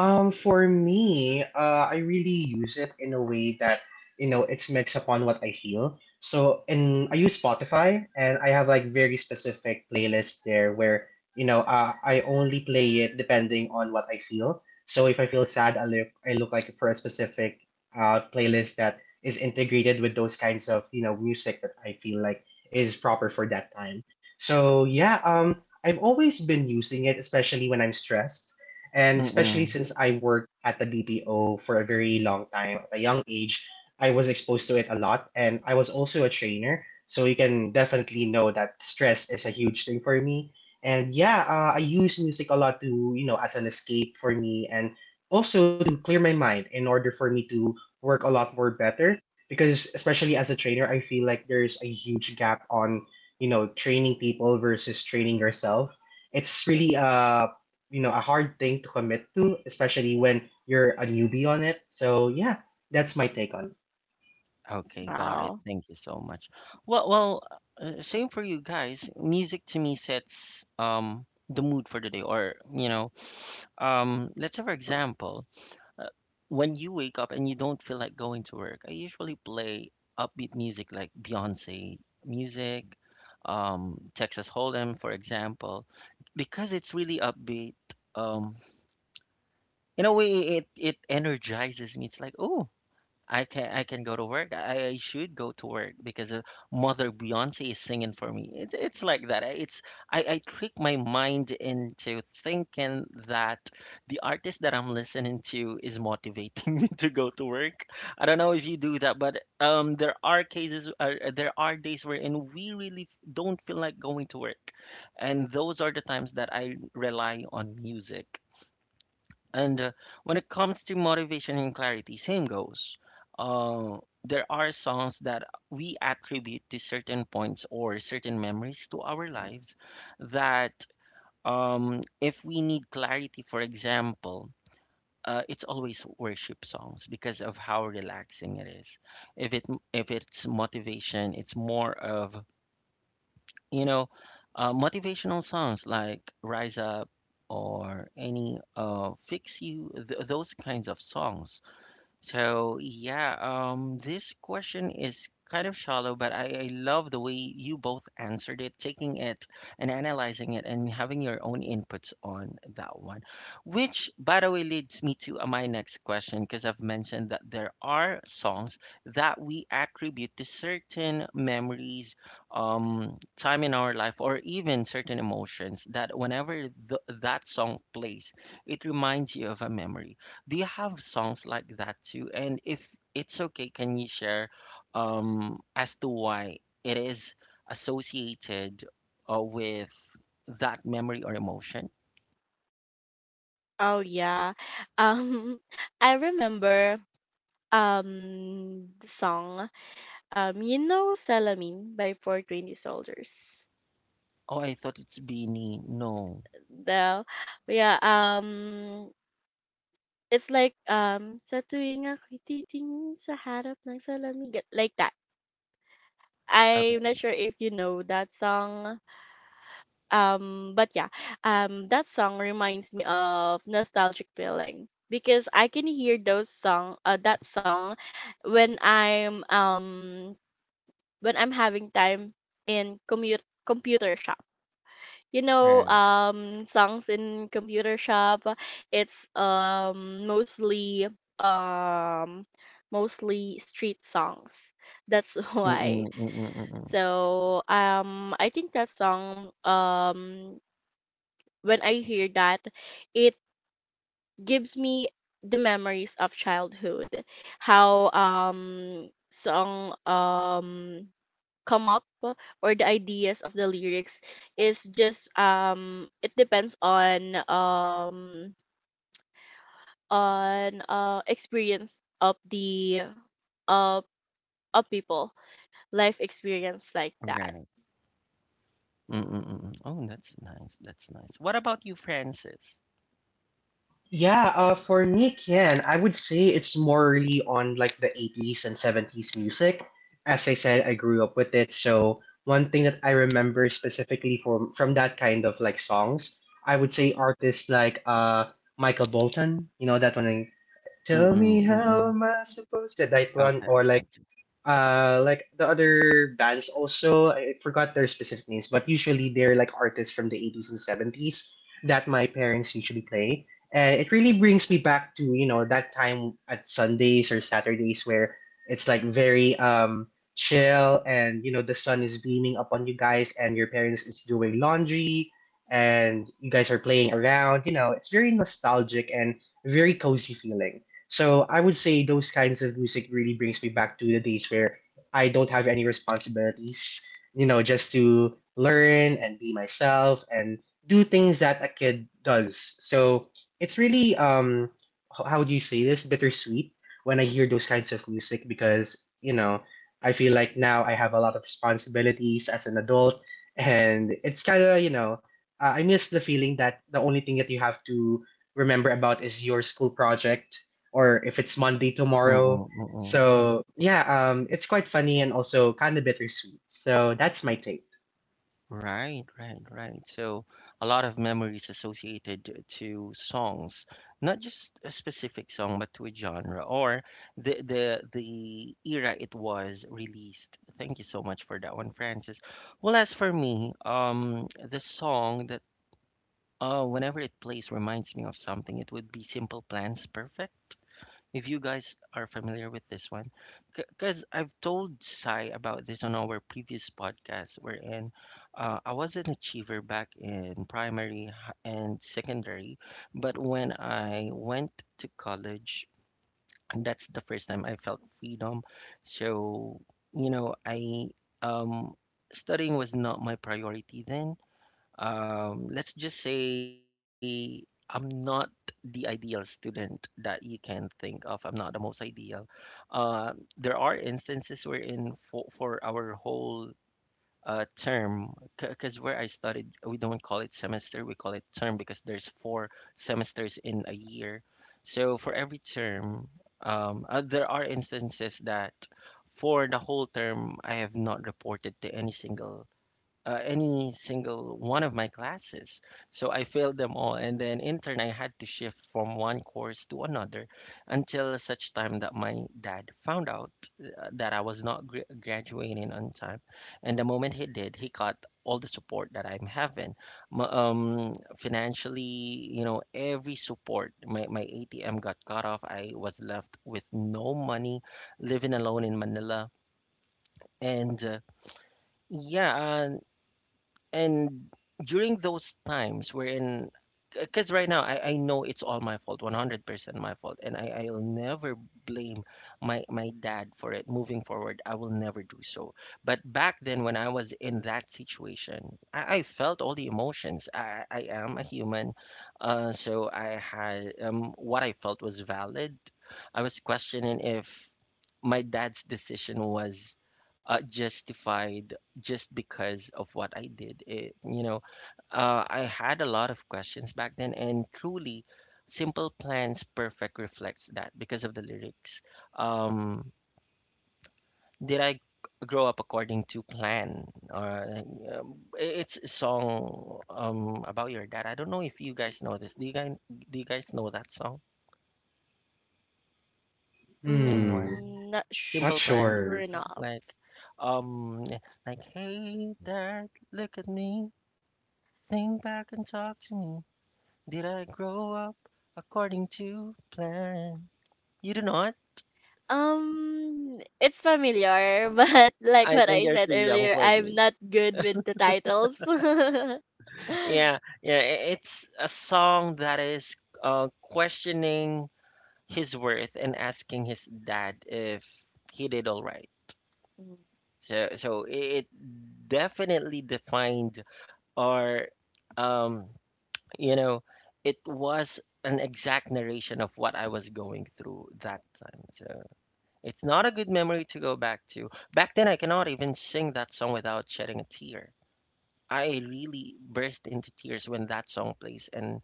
[SPEAKER 2] For me, I really use it in a way that you know it's mixed upon what I feel. So, and I use Spotify, and I have like very specific playlists there where I only play it depending on what I feel. So if I feel sad, I look like for a specific playlist that is integrated with those kinds of music that I feel like is proper for that time. So yeah, I've always been using it, especially when I'm stressed and especially
[SPEAKER 1] Mm-mm.
[SPEAKER 2] since I worked at the BPO for a very long time at a young age. I was exposed to it a lot. And I was also a trainer. So you can definitely know that stress is a huge thing for me. And yeah, I use music a lot to, you know, as an escape for me and also to clear my mind in order for me to work a lot more better. Because especially as a trainer, I feel like there's a huge gap on, you know, training people versus training yourself. It's really you know a hard thing to commit to, especially when you're a newbie on it. So yeah, that's my take on it.
[SPEAKER 1] Okay, got it.
[SPEAKER 3] Wow.
[SPEAKER 1] Thank you so much. Well, same for you guys. Music to me sets the mood for the day, or you know, let's say for example, uh, when you wake up and you don't feel like going to work, I usually play upbeat music like Beyonce music, Texas Hold'em, for example, because it's really upbeat. Um, in a way, it energizes me. It's like, oh, I can go to work. I should go to work because Mother Beyonce is singing for me. It's like that. I trick my mind into thinking that the artist that I'm listening to is motivating me to go to work. I don't know if you do that, but there are cases, there are days wherein we really don't feel like going to work, and those are the times that I rely on music. And when it comes to motivation and clarity, same goes. Uh, there are songs that we attribute to certain points or certain memories to our lives that if we need clarity, for example, it's always worship songs because of how relaxing it is. If it if it's motivation, it's more of you know, motivational songs like Rise Up or any Fix You, those kinds of songs. So yeah, this question is kind of shallow, but I love the way you both answered it, taking it and analyzing it and having your own inputs on that one. Which, by the way, leads me to my next question, because I've mentioned that there are songs that we attribute to certain memories, time in our life, or even certain emotions that whenever th that song plays, it reminds you of a memory. Do you have songs like that too? And if it's okay, can you share as to why it is associated with that memory or emotion?
[SPEAKER 3] Oh yeah. Um I remember the song, you know, Salamin by 420 Soldiers.
[SPEAKER 1] Oh, I thought it's Beanie. No.
[SPEAKER 3] The Yeah, it's like, sa tuwing ako'y titingin sa harap ng salamin ga-, like that.
[SPEAKER 1] Okay.
[SPEAKER 3] I'm not sure if you know that song. But yeah, that song reminds me of nostalgic feeling because I can hear those song, that song, when I'm um when I'm having time in commute computer shop. You know,
[SPEAKER 1] Right.
[SPEAKER 3] songs in computer shop. It's mostly um mostly street songs. That's
[SPEAKER 1] Mm-mm,
[SPEAKER 3] why.
[SPEAKER 1] mm-mm, mm-mm.
[SPEAKER 3] So I think that song when I hear that, it gives me the memories of childhood, how song come up, or the ideas of the lyrics is just it depends on experience of the of of people, life experience like that.
[SPEAKER 1] Right. Mm-mm, mm-mm. Oh, that's nice. That's nice. What about you, Francis?
[SPEAKER 2] Yeah, for me, Ken, I would say it's more really on like the 80s and 70s music. As I said, I grew up with it, so one thing that I remember specifically from that kind of like songs, I would say artists like Michael Bolton, you know that one. Like, tell
[SPEAKER 1] Mm-mm,
[SPEAKER 2] me how
[SPEAKER 1] mm-mm.
[SPEAKER 2] am I supposed to that one,
[SPEAKER 1] Okay,
[SPEAKER 2] or
[SPEAKER 1] okay, okay.
[SPEAKER 2] like the other bands also. I forgot their specific names, but usually they're like artists from the 80s and 70s that my parents usually play, and it really brings me back to you know that time at Sundays or Saturdays where it's like very chill and you know the sun is beaming upon you guys and your parents is doing laundry and you guys are playing around, you know, it's very nostalgic and very cozy feeling. So I would say those kinds of music really brings me back to the days where I don't have any responsibilities, you know, just to learn and be myself and do things that a kid does. So it's really how do you say this, bittersweet, when I hear those kinds of music because you know I feel like now I have a lot of responsibilities as an adult and it's kind of you know I miss the feeling that the only thing that you have to remember about is your school project or if it's Monday
[SPEAKER 1] Mm-mm,
[SPEAKER 2] tomorrow.
[SPEAKER 1] mm-mm.
[SPEAKER 2] So yeah, it's quite funny and also kind of bittersweet. So that's my take.
[SPEAKER 1] Right, right, right. So a lot of memories associated to songs, not just a specific song, but to a genre or the era it was released. Thank you so much for that one, Francis. Well, as for me, the song that whenever it plays reminds me of something, it would be Simple Plan's Perfect if you guys are familiar with this one, because I've told Sai about this on our previous podcast, wherein I was an achiever back in and secondary, but when I went to college, that's the first time I felt freedom. So, you know, I um, studying was not my priority then. Let's just say I'm not the ideal student that you can think of. I'm not the most ideal. Uh, there are instances wherein for our whole term, because where I studied, we don't call it semester, we call it term because there's 4 semesters in a year. So for every term, there are instances that for the whole term, I have not reported to any single one of my classes. So I failed them all. And then intern, I had to shift from one course to another until such time that my dad found out that I was not graduating on time. And the moment he did, he got all the support that I'm having, financially, you know, every support. My ATM got cut off. I was left with no money, living alone in Manila. And uh, yeah, uh, and during those times wherein, because right now I know it's all my fault, 100% my fault, and I'll never blame my dad for it. Moving forward I will never do so, but back then when I was in that situation I felt all the emotions. I am a human, so I had what I felt was valid. I was questioning if my dad's decision was justified just because of what I did. It, you know, I had a lot of questions back then, and truly, Simple Plan's Perfect reflects that because of the lyrics. Um, did I grow up according to plan? Or it's a song about your dad. I don't know if you guys know this. Do you guys know that song?
[SPEAKER 2] Hmm,
[SPEAKER 1] Anyone?
[SPEAKER 3] Mm, not
[SPEAKER 2] not
[SPEAKER 1] Simple Plan's
[SPEAKER 3] sure
[SPEAKER 2] sure.
[SPEAKER 1] Perfect,
[SPEAKER 3] enough.
[SPEAKER 1] um, like hey dad, look at me. Think back and talk to me. Did I grow up according to plan? You do not?
[SPEAKER 3] It's familiar, but like
[SPEAKER 1] I
[SPEAKER 3] what
[SPEAKER 1] think
[SPEAKER 3] I
[SPEAKER 1] you're
[SPEAKER 3] said
[SPEAKER 1] too young
[SPEAKER 3] earlier,
[SPEAKER 1] for
[SPEAKER 3] I'm
[SPEAKER 1] this.
[SPEAKER 3] not good with the titles.
[SPEAKER 1] Yeah, yeah, it's a song that is questioning his worth and asking his dad if he did all right.
[SPEAKER 3] Mm-hmm.
[SPEAKER 1] So it definitely defined or, um, you know, it was an exact narration of what I was going through that time. So. It's not a good memory to go back to. Back then, I cannot even sing that song without shedding a tear. I really burst into tears when that song plays, and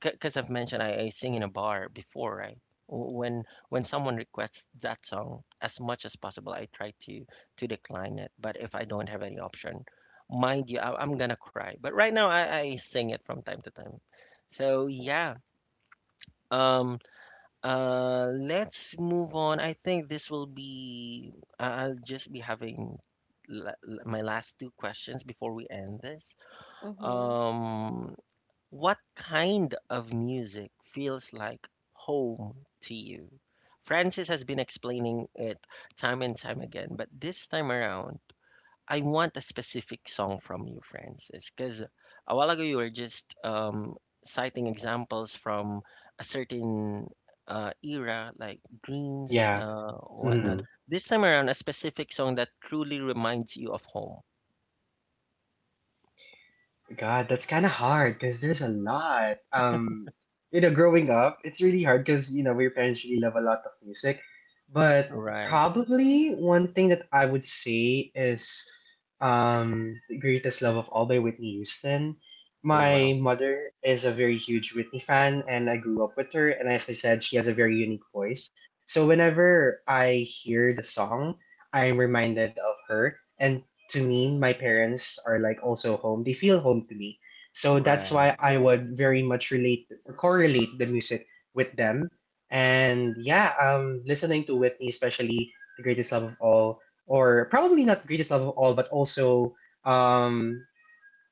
[SPEAKER 1] because I've mentioned I sing in a bar before, right? W- When when someone requests that song, as much as possible, I try to decline it. But if I don't have any option, mind you, I'm gonna cry. But right now, I sing it from time to time. So yeah, um, let's move on. I think this will be, I'll just be having my last two questions before we end this. Um, what kind of music feels like home to you? Francis has been explaining it time and time again, but this time around, I want a specific song from you, Francis, because a while ago you were just citing examples from a certain era, like dreams,
[SPEAKER 2] Yeah.
[SPEAKER 1] whatnot.
[SPEAKER 2] Mm.
[SPEAKER 1] This time around, a specific song that truly reminds you of home.
[SPEAKER 2] God, that's kind of hard because there's a lot. You know, growing up, it's really hard because you know your parents really love a lot of music. But
[SPEAKER 1] Right.
[SPEAKER 2] probably one thing that I would say is "The Greatest Love of All" by Whitney Houston.
[SPEAKER 1] Oh, wow.
[SPEAKER 2] My mother is a very huge Whitney fan, and I grew up with her. And as I said, she has a very unique voice. So whenever I hear the song, I'm reminded of her. And to me, my parents are like also home. They feel home to me. So that's
[SPEAKER 1] Right.
[SPEAKER 2] why I would very much relate or correlate the music with them. And yeah, listening to Whitney, especially the greatest love of all, or probably not greatest love of all, but also um,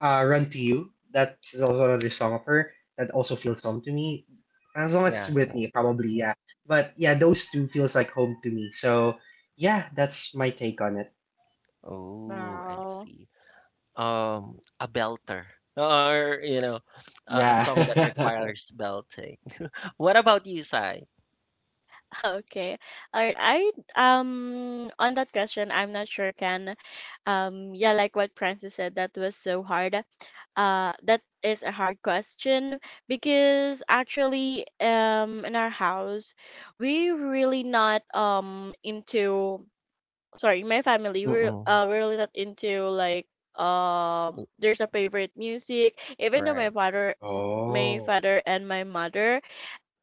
[SPEAKER 2] Run to You. That's also another song of her that also feels home to me. As long as
[SPEAKER 1] Yeah.
[SPEAKER 2] it's
[SPEAKER 1] Yeah.
[SPEAKER 2] Whitney, probably yeah. But yeah, those two feels like home to me. So yeah, that's my take on it.
[SPEAKER 1] Oh, I
[SPEAKER 3] Wow.
[SPEAKER 1] see. A belter, or you know, a song that
[SPEAKER 2] Yeah.
[SPEAKER 1] requires belting. What about you, Sai?
[SPEAKER 3] Okay. All right. I on that question, I'm not sure, can Yeah, like what Francis said, that was so hard. That is a hard question because actually in our house we really not into, sorry, my family,
[SPEAKER 1] Mm-mm.
[SPEAKER 3] we're really not into like there's a favorite music. Even though
[SPEAKER 1] Right.
[SPEAKER 3] my father, my
[SPEAKER 2] Oh,
[SPEAKER 3] father and my mother,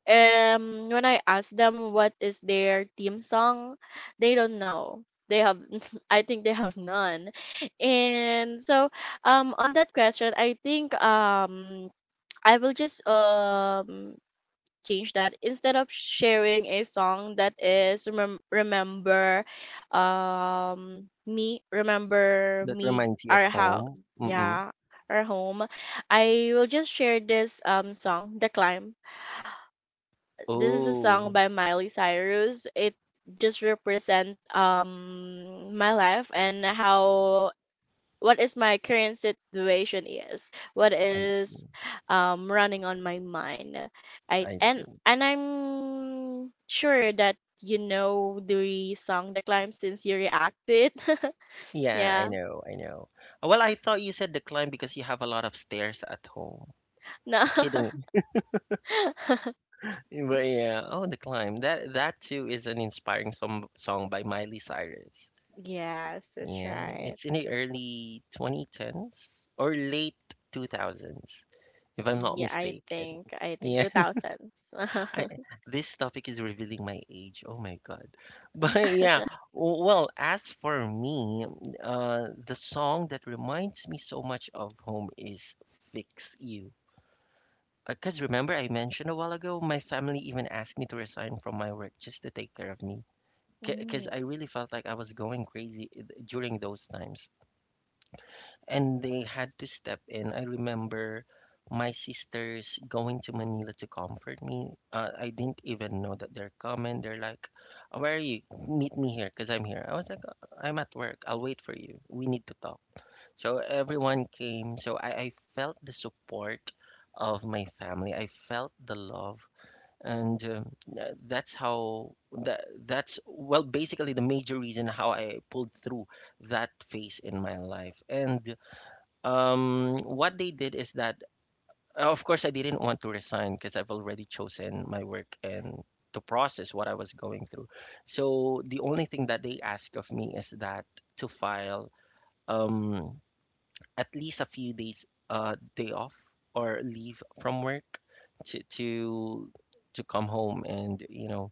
[SPEAKER 3] when I ask them what is their theme song, they don't know. They have I think they have none. And so on that question, I think I will just change that instead of sharing a song that is remember me remember
[SPEAKER 1] That
[SPEAKER 3] me
[SPEAKER 1] reminds you of
[SPEAKER 3] our house,
[SPEAKER 1] home? Mm-mm.
[SPEAKER 3] yeah, our home. I will just share this song, The Climb. This is a song
[SPEAKER 1] Oh,
[SPEAKER 3] by Miley Cyrus. It just represent my life and how, what is my current situation is, what
[SPEAKER 1] I
[SPEAKER 3] is running on my mind. i
[SPEAKER 1] I
[SPEAKER 3] and
[SPEAKER 1] see.
[SPEAKER 3] and I'm sure that you know the song The Climb since you reacted.
[SPEAKER 1] Yeah, I
[SPEAKER 3] Yeah,
[SPEAKER 1] know, I know. Well, I thought you said the climb because you have a lot of stairs at home.
[SPEAKER 3] no.
[SPEAKER 1] Kidding. But yeah, oh, the climb. That too is an inspiring song by Miley Cyrus.
[SPEAKER 3] Yes, that's
[SPEAKER 1] Yeah,
[SPEAKER 3] right.
[SPEAKER 1] it's in the early 2010s or late 2000s, if I'm not
[SPEAKER 3] Yeah, I
[SPEAKER 1] mistaken.
[SPEAKER 3] think, I think
[SPEAKER 1] Yeah.
[SPEAKER 3] 2000s.
[SPEAKER 1] I this topic is revealing my age. Oh my God. But yeah, well, as for me, the song that reminds me so much of home is Fix You. Because remember, I mentioned a while ago, my family even asked me to resign from my work just to take care of me. Because
[SPEAKER 3] Mm.
[SPEAKER 1] I really felt like I was going crazy during those times and they had to step in. I remember my sisters going to Manila to comfort me. I didn't even know that they're coming. They're like, "Oh, where are you? Meet me here, cause I'm here." I was like, I'm at work. I'll wait for you. We need to talk." So everyone came. So I felt the support of my family. I felt the love, and that's how that's well basically the major reason how I pulled through that phase in my life. And what they did is that, of course, I didn't want to resign because I've already chosen my work and to process what I was going through. So the only thing that they asked of me is that to file um, at least a few days day off or leave from work to to to come home and you know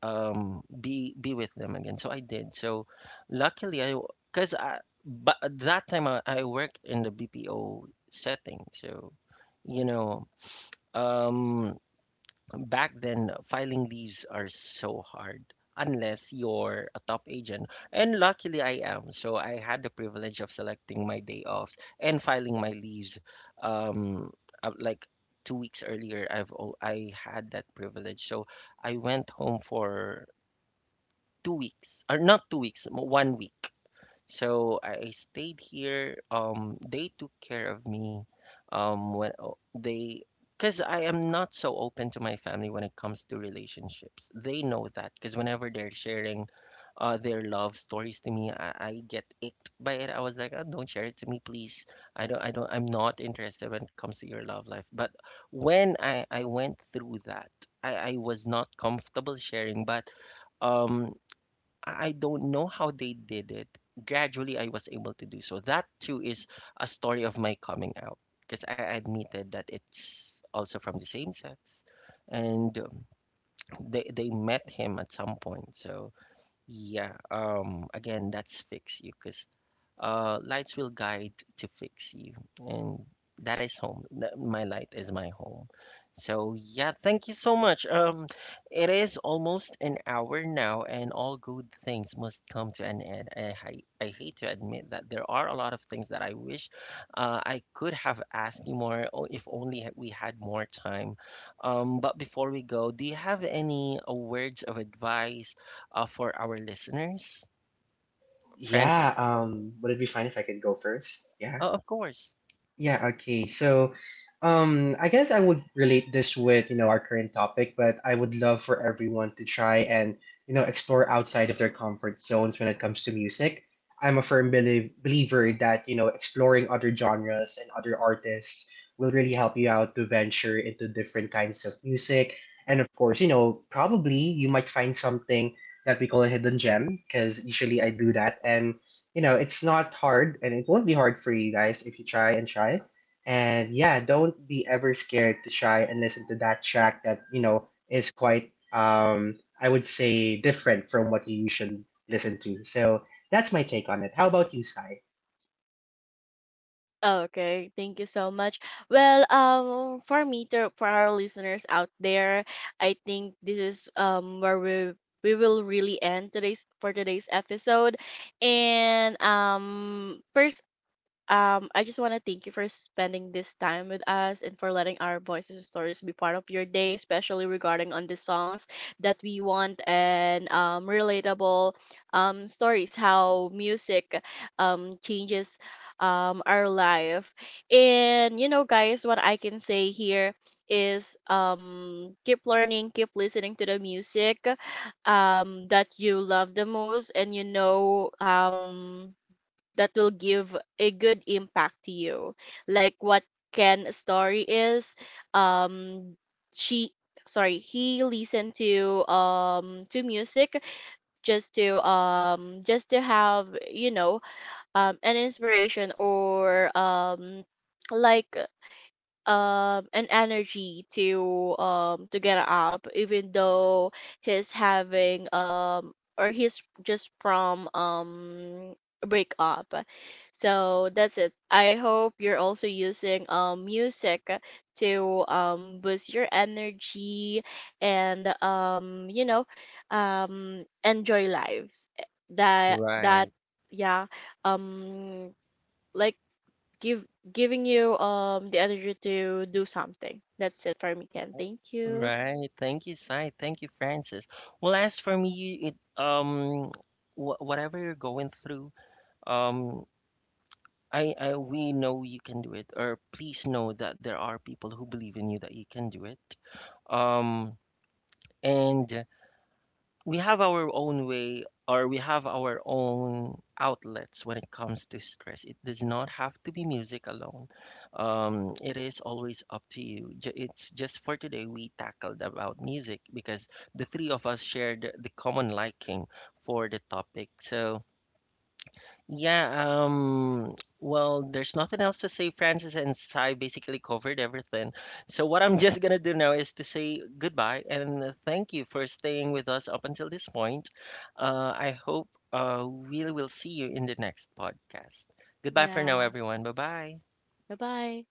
[SPEAKER 1] be with them again. So I did so. Luckily I because I but at that time I worked in the bpo setting. So you know, um back then filing leaves are so hard unless you're a top agent, and luckily I am, so I had the privilege of selecting my day offs and filing my leaves, um like 2 weeks earlier. I had that privilege. So I went home for 2 weeks, or not 2 weeks, 1 week. So I stayed here. They took care of me. Um, when o- they, because I am not so open to my family when it comes to relationships. They know that because whenever they're sharing, their love stories to me, I get icked by it. I was like, oh, don't share it to me, please. I'm not interested when it comes to your love life. But when I went through that, I was not comfortable sharing, but um I don't know how they did it. Gradually, I was able to do so. That too is a story of my coming out because I admitted that it's also from the same sex, and they met him at some point. So yeah, again, that's fix you because lights will guide to fix you, and that is home. My light is my home. So yeah, thank you so much. It is almost an hour now, and all good things must come to an end. I hate to admit that there are a lot of things that I wish I could have asked you more if only we had more time. But before we go, do you have any words of advice for our listeners, Francis?
[SPEAKER 2] yeah. Would it be fine if I could go first? Yeah.
[SPEAKER 1] Oh, of course.
[SPEAKER 2] Yeah, okay. So, I guess I would relate this with, you know, our current topic, but I would love for everyone to try and, you know, explore outside of their comfort zones when it comes to music. I'm a firm believer that, you know, exploring other genres and other artists will really help you out to venture into different kinds of music. And of course, you know, probably you might find something that we call a hidden gem, because usually I do that. And you know, it's not hard and it won't be hard for you guys if you try and try. And yeah, don't be ever scared to try and listen to that track that, you know, is quite I would say different from what you usually listen to. So that's my take on it. How about you, Sai?
[SPEAKER 3] Okay, thank you so much. Well, for me, to, for our listeners out there, I think this is where we will really end today's for today's episode. And first, I just want to thank you for spending this time with us and for letting our voices and stories be part of your day, especially regarding on the songs that we want, and relatable, stories, how music changes our life. And, you know, guys, what I can say here is, keep learning, keep listening to the music that you love the most and, you know, that will give a good impact to you, like what Ken story is, um she, sorry, he listened to music, just to have, you know, an inspiration, or like an energy to get up, even though he's having or he's just from a breakup. So that's it. I hope you're also using music to boost your energy and you know enjoy lives, that,
[SPEAKER 1] Right,
[SPEAKER 3] yeah, um like, give giving you the energy to do something. That's it for me, Ken. Thank you.
[SPEAKER 1] right. Thank you, Sai. Thank you, Francis. Well, as for me, it um, wh whatever you're going through, um, I we know you can do it, or please know that there are people who believe in you that you can do it. Um, and we have our own way or we have our own outlets when it comes to stress. It does not have to be music alone. It is always up to you. It's just for today we tackled about music because the three of us shared the common liking for the topic. So yeah, well, there's nothing else to say. Francis and Sai basically covered everything. So what I'm just gonna do now is to say goodbye and thank you for staying with us up until this point. I hope we will see you in the next podcast. Goodbye for now,
[SPEAKER 3] Yeah.
[SPEAKER 1] everyone. Bye bye.
[SPEAKER 3] Bye bye.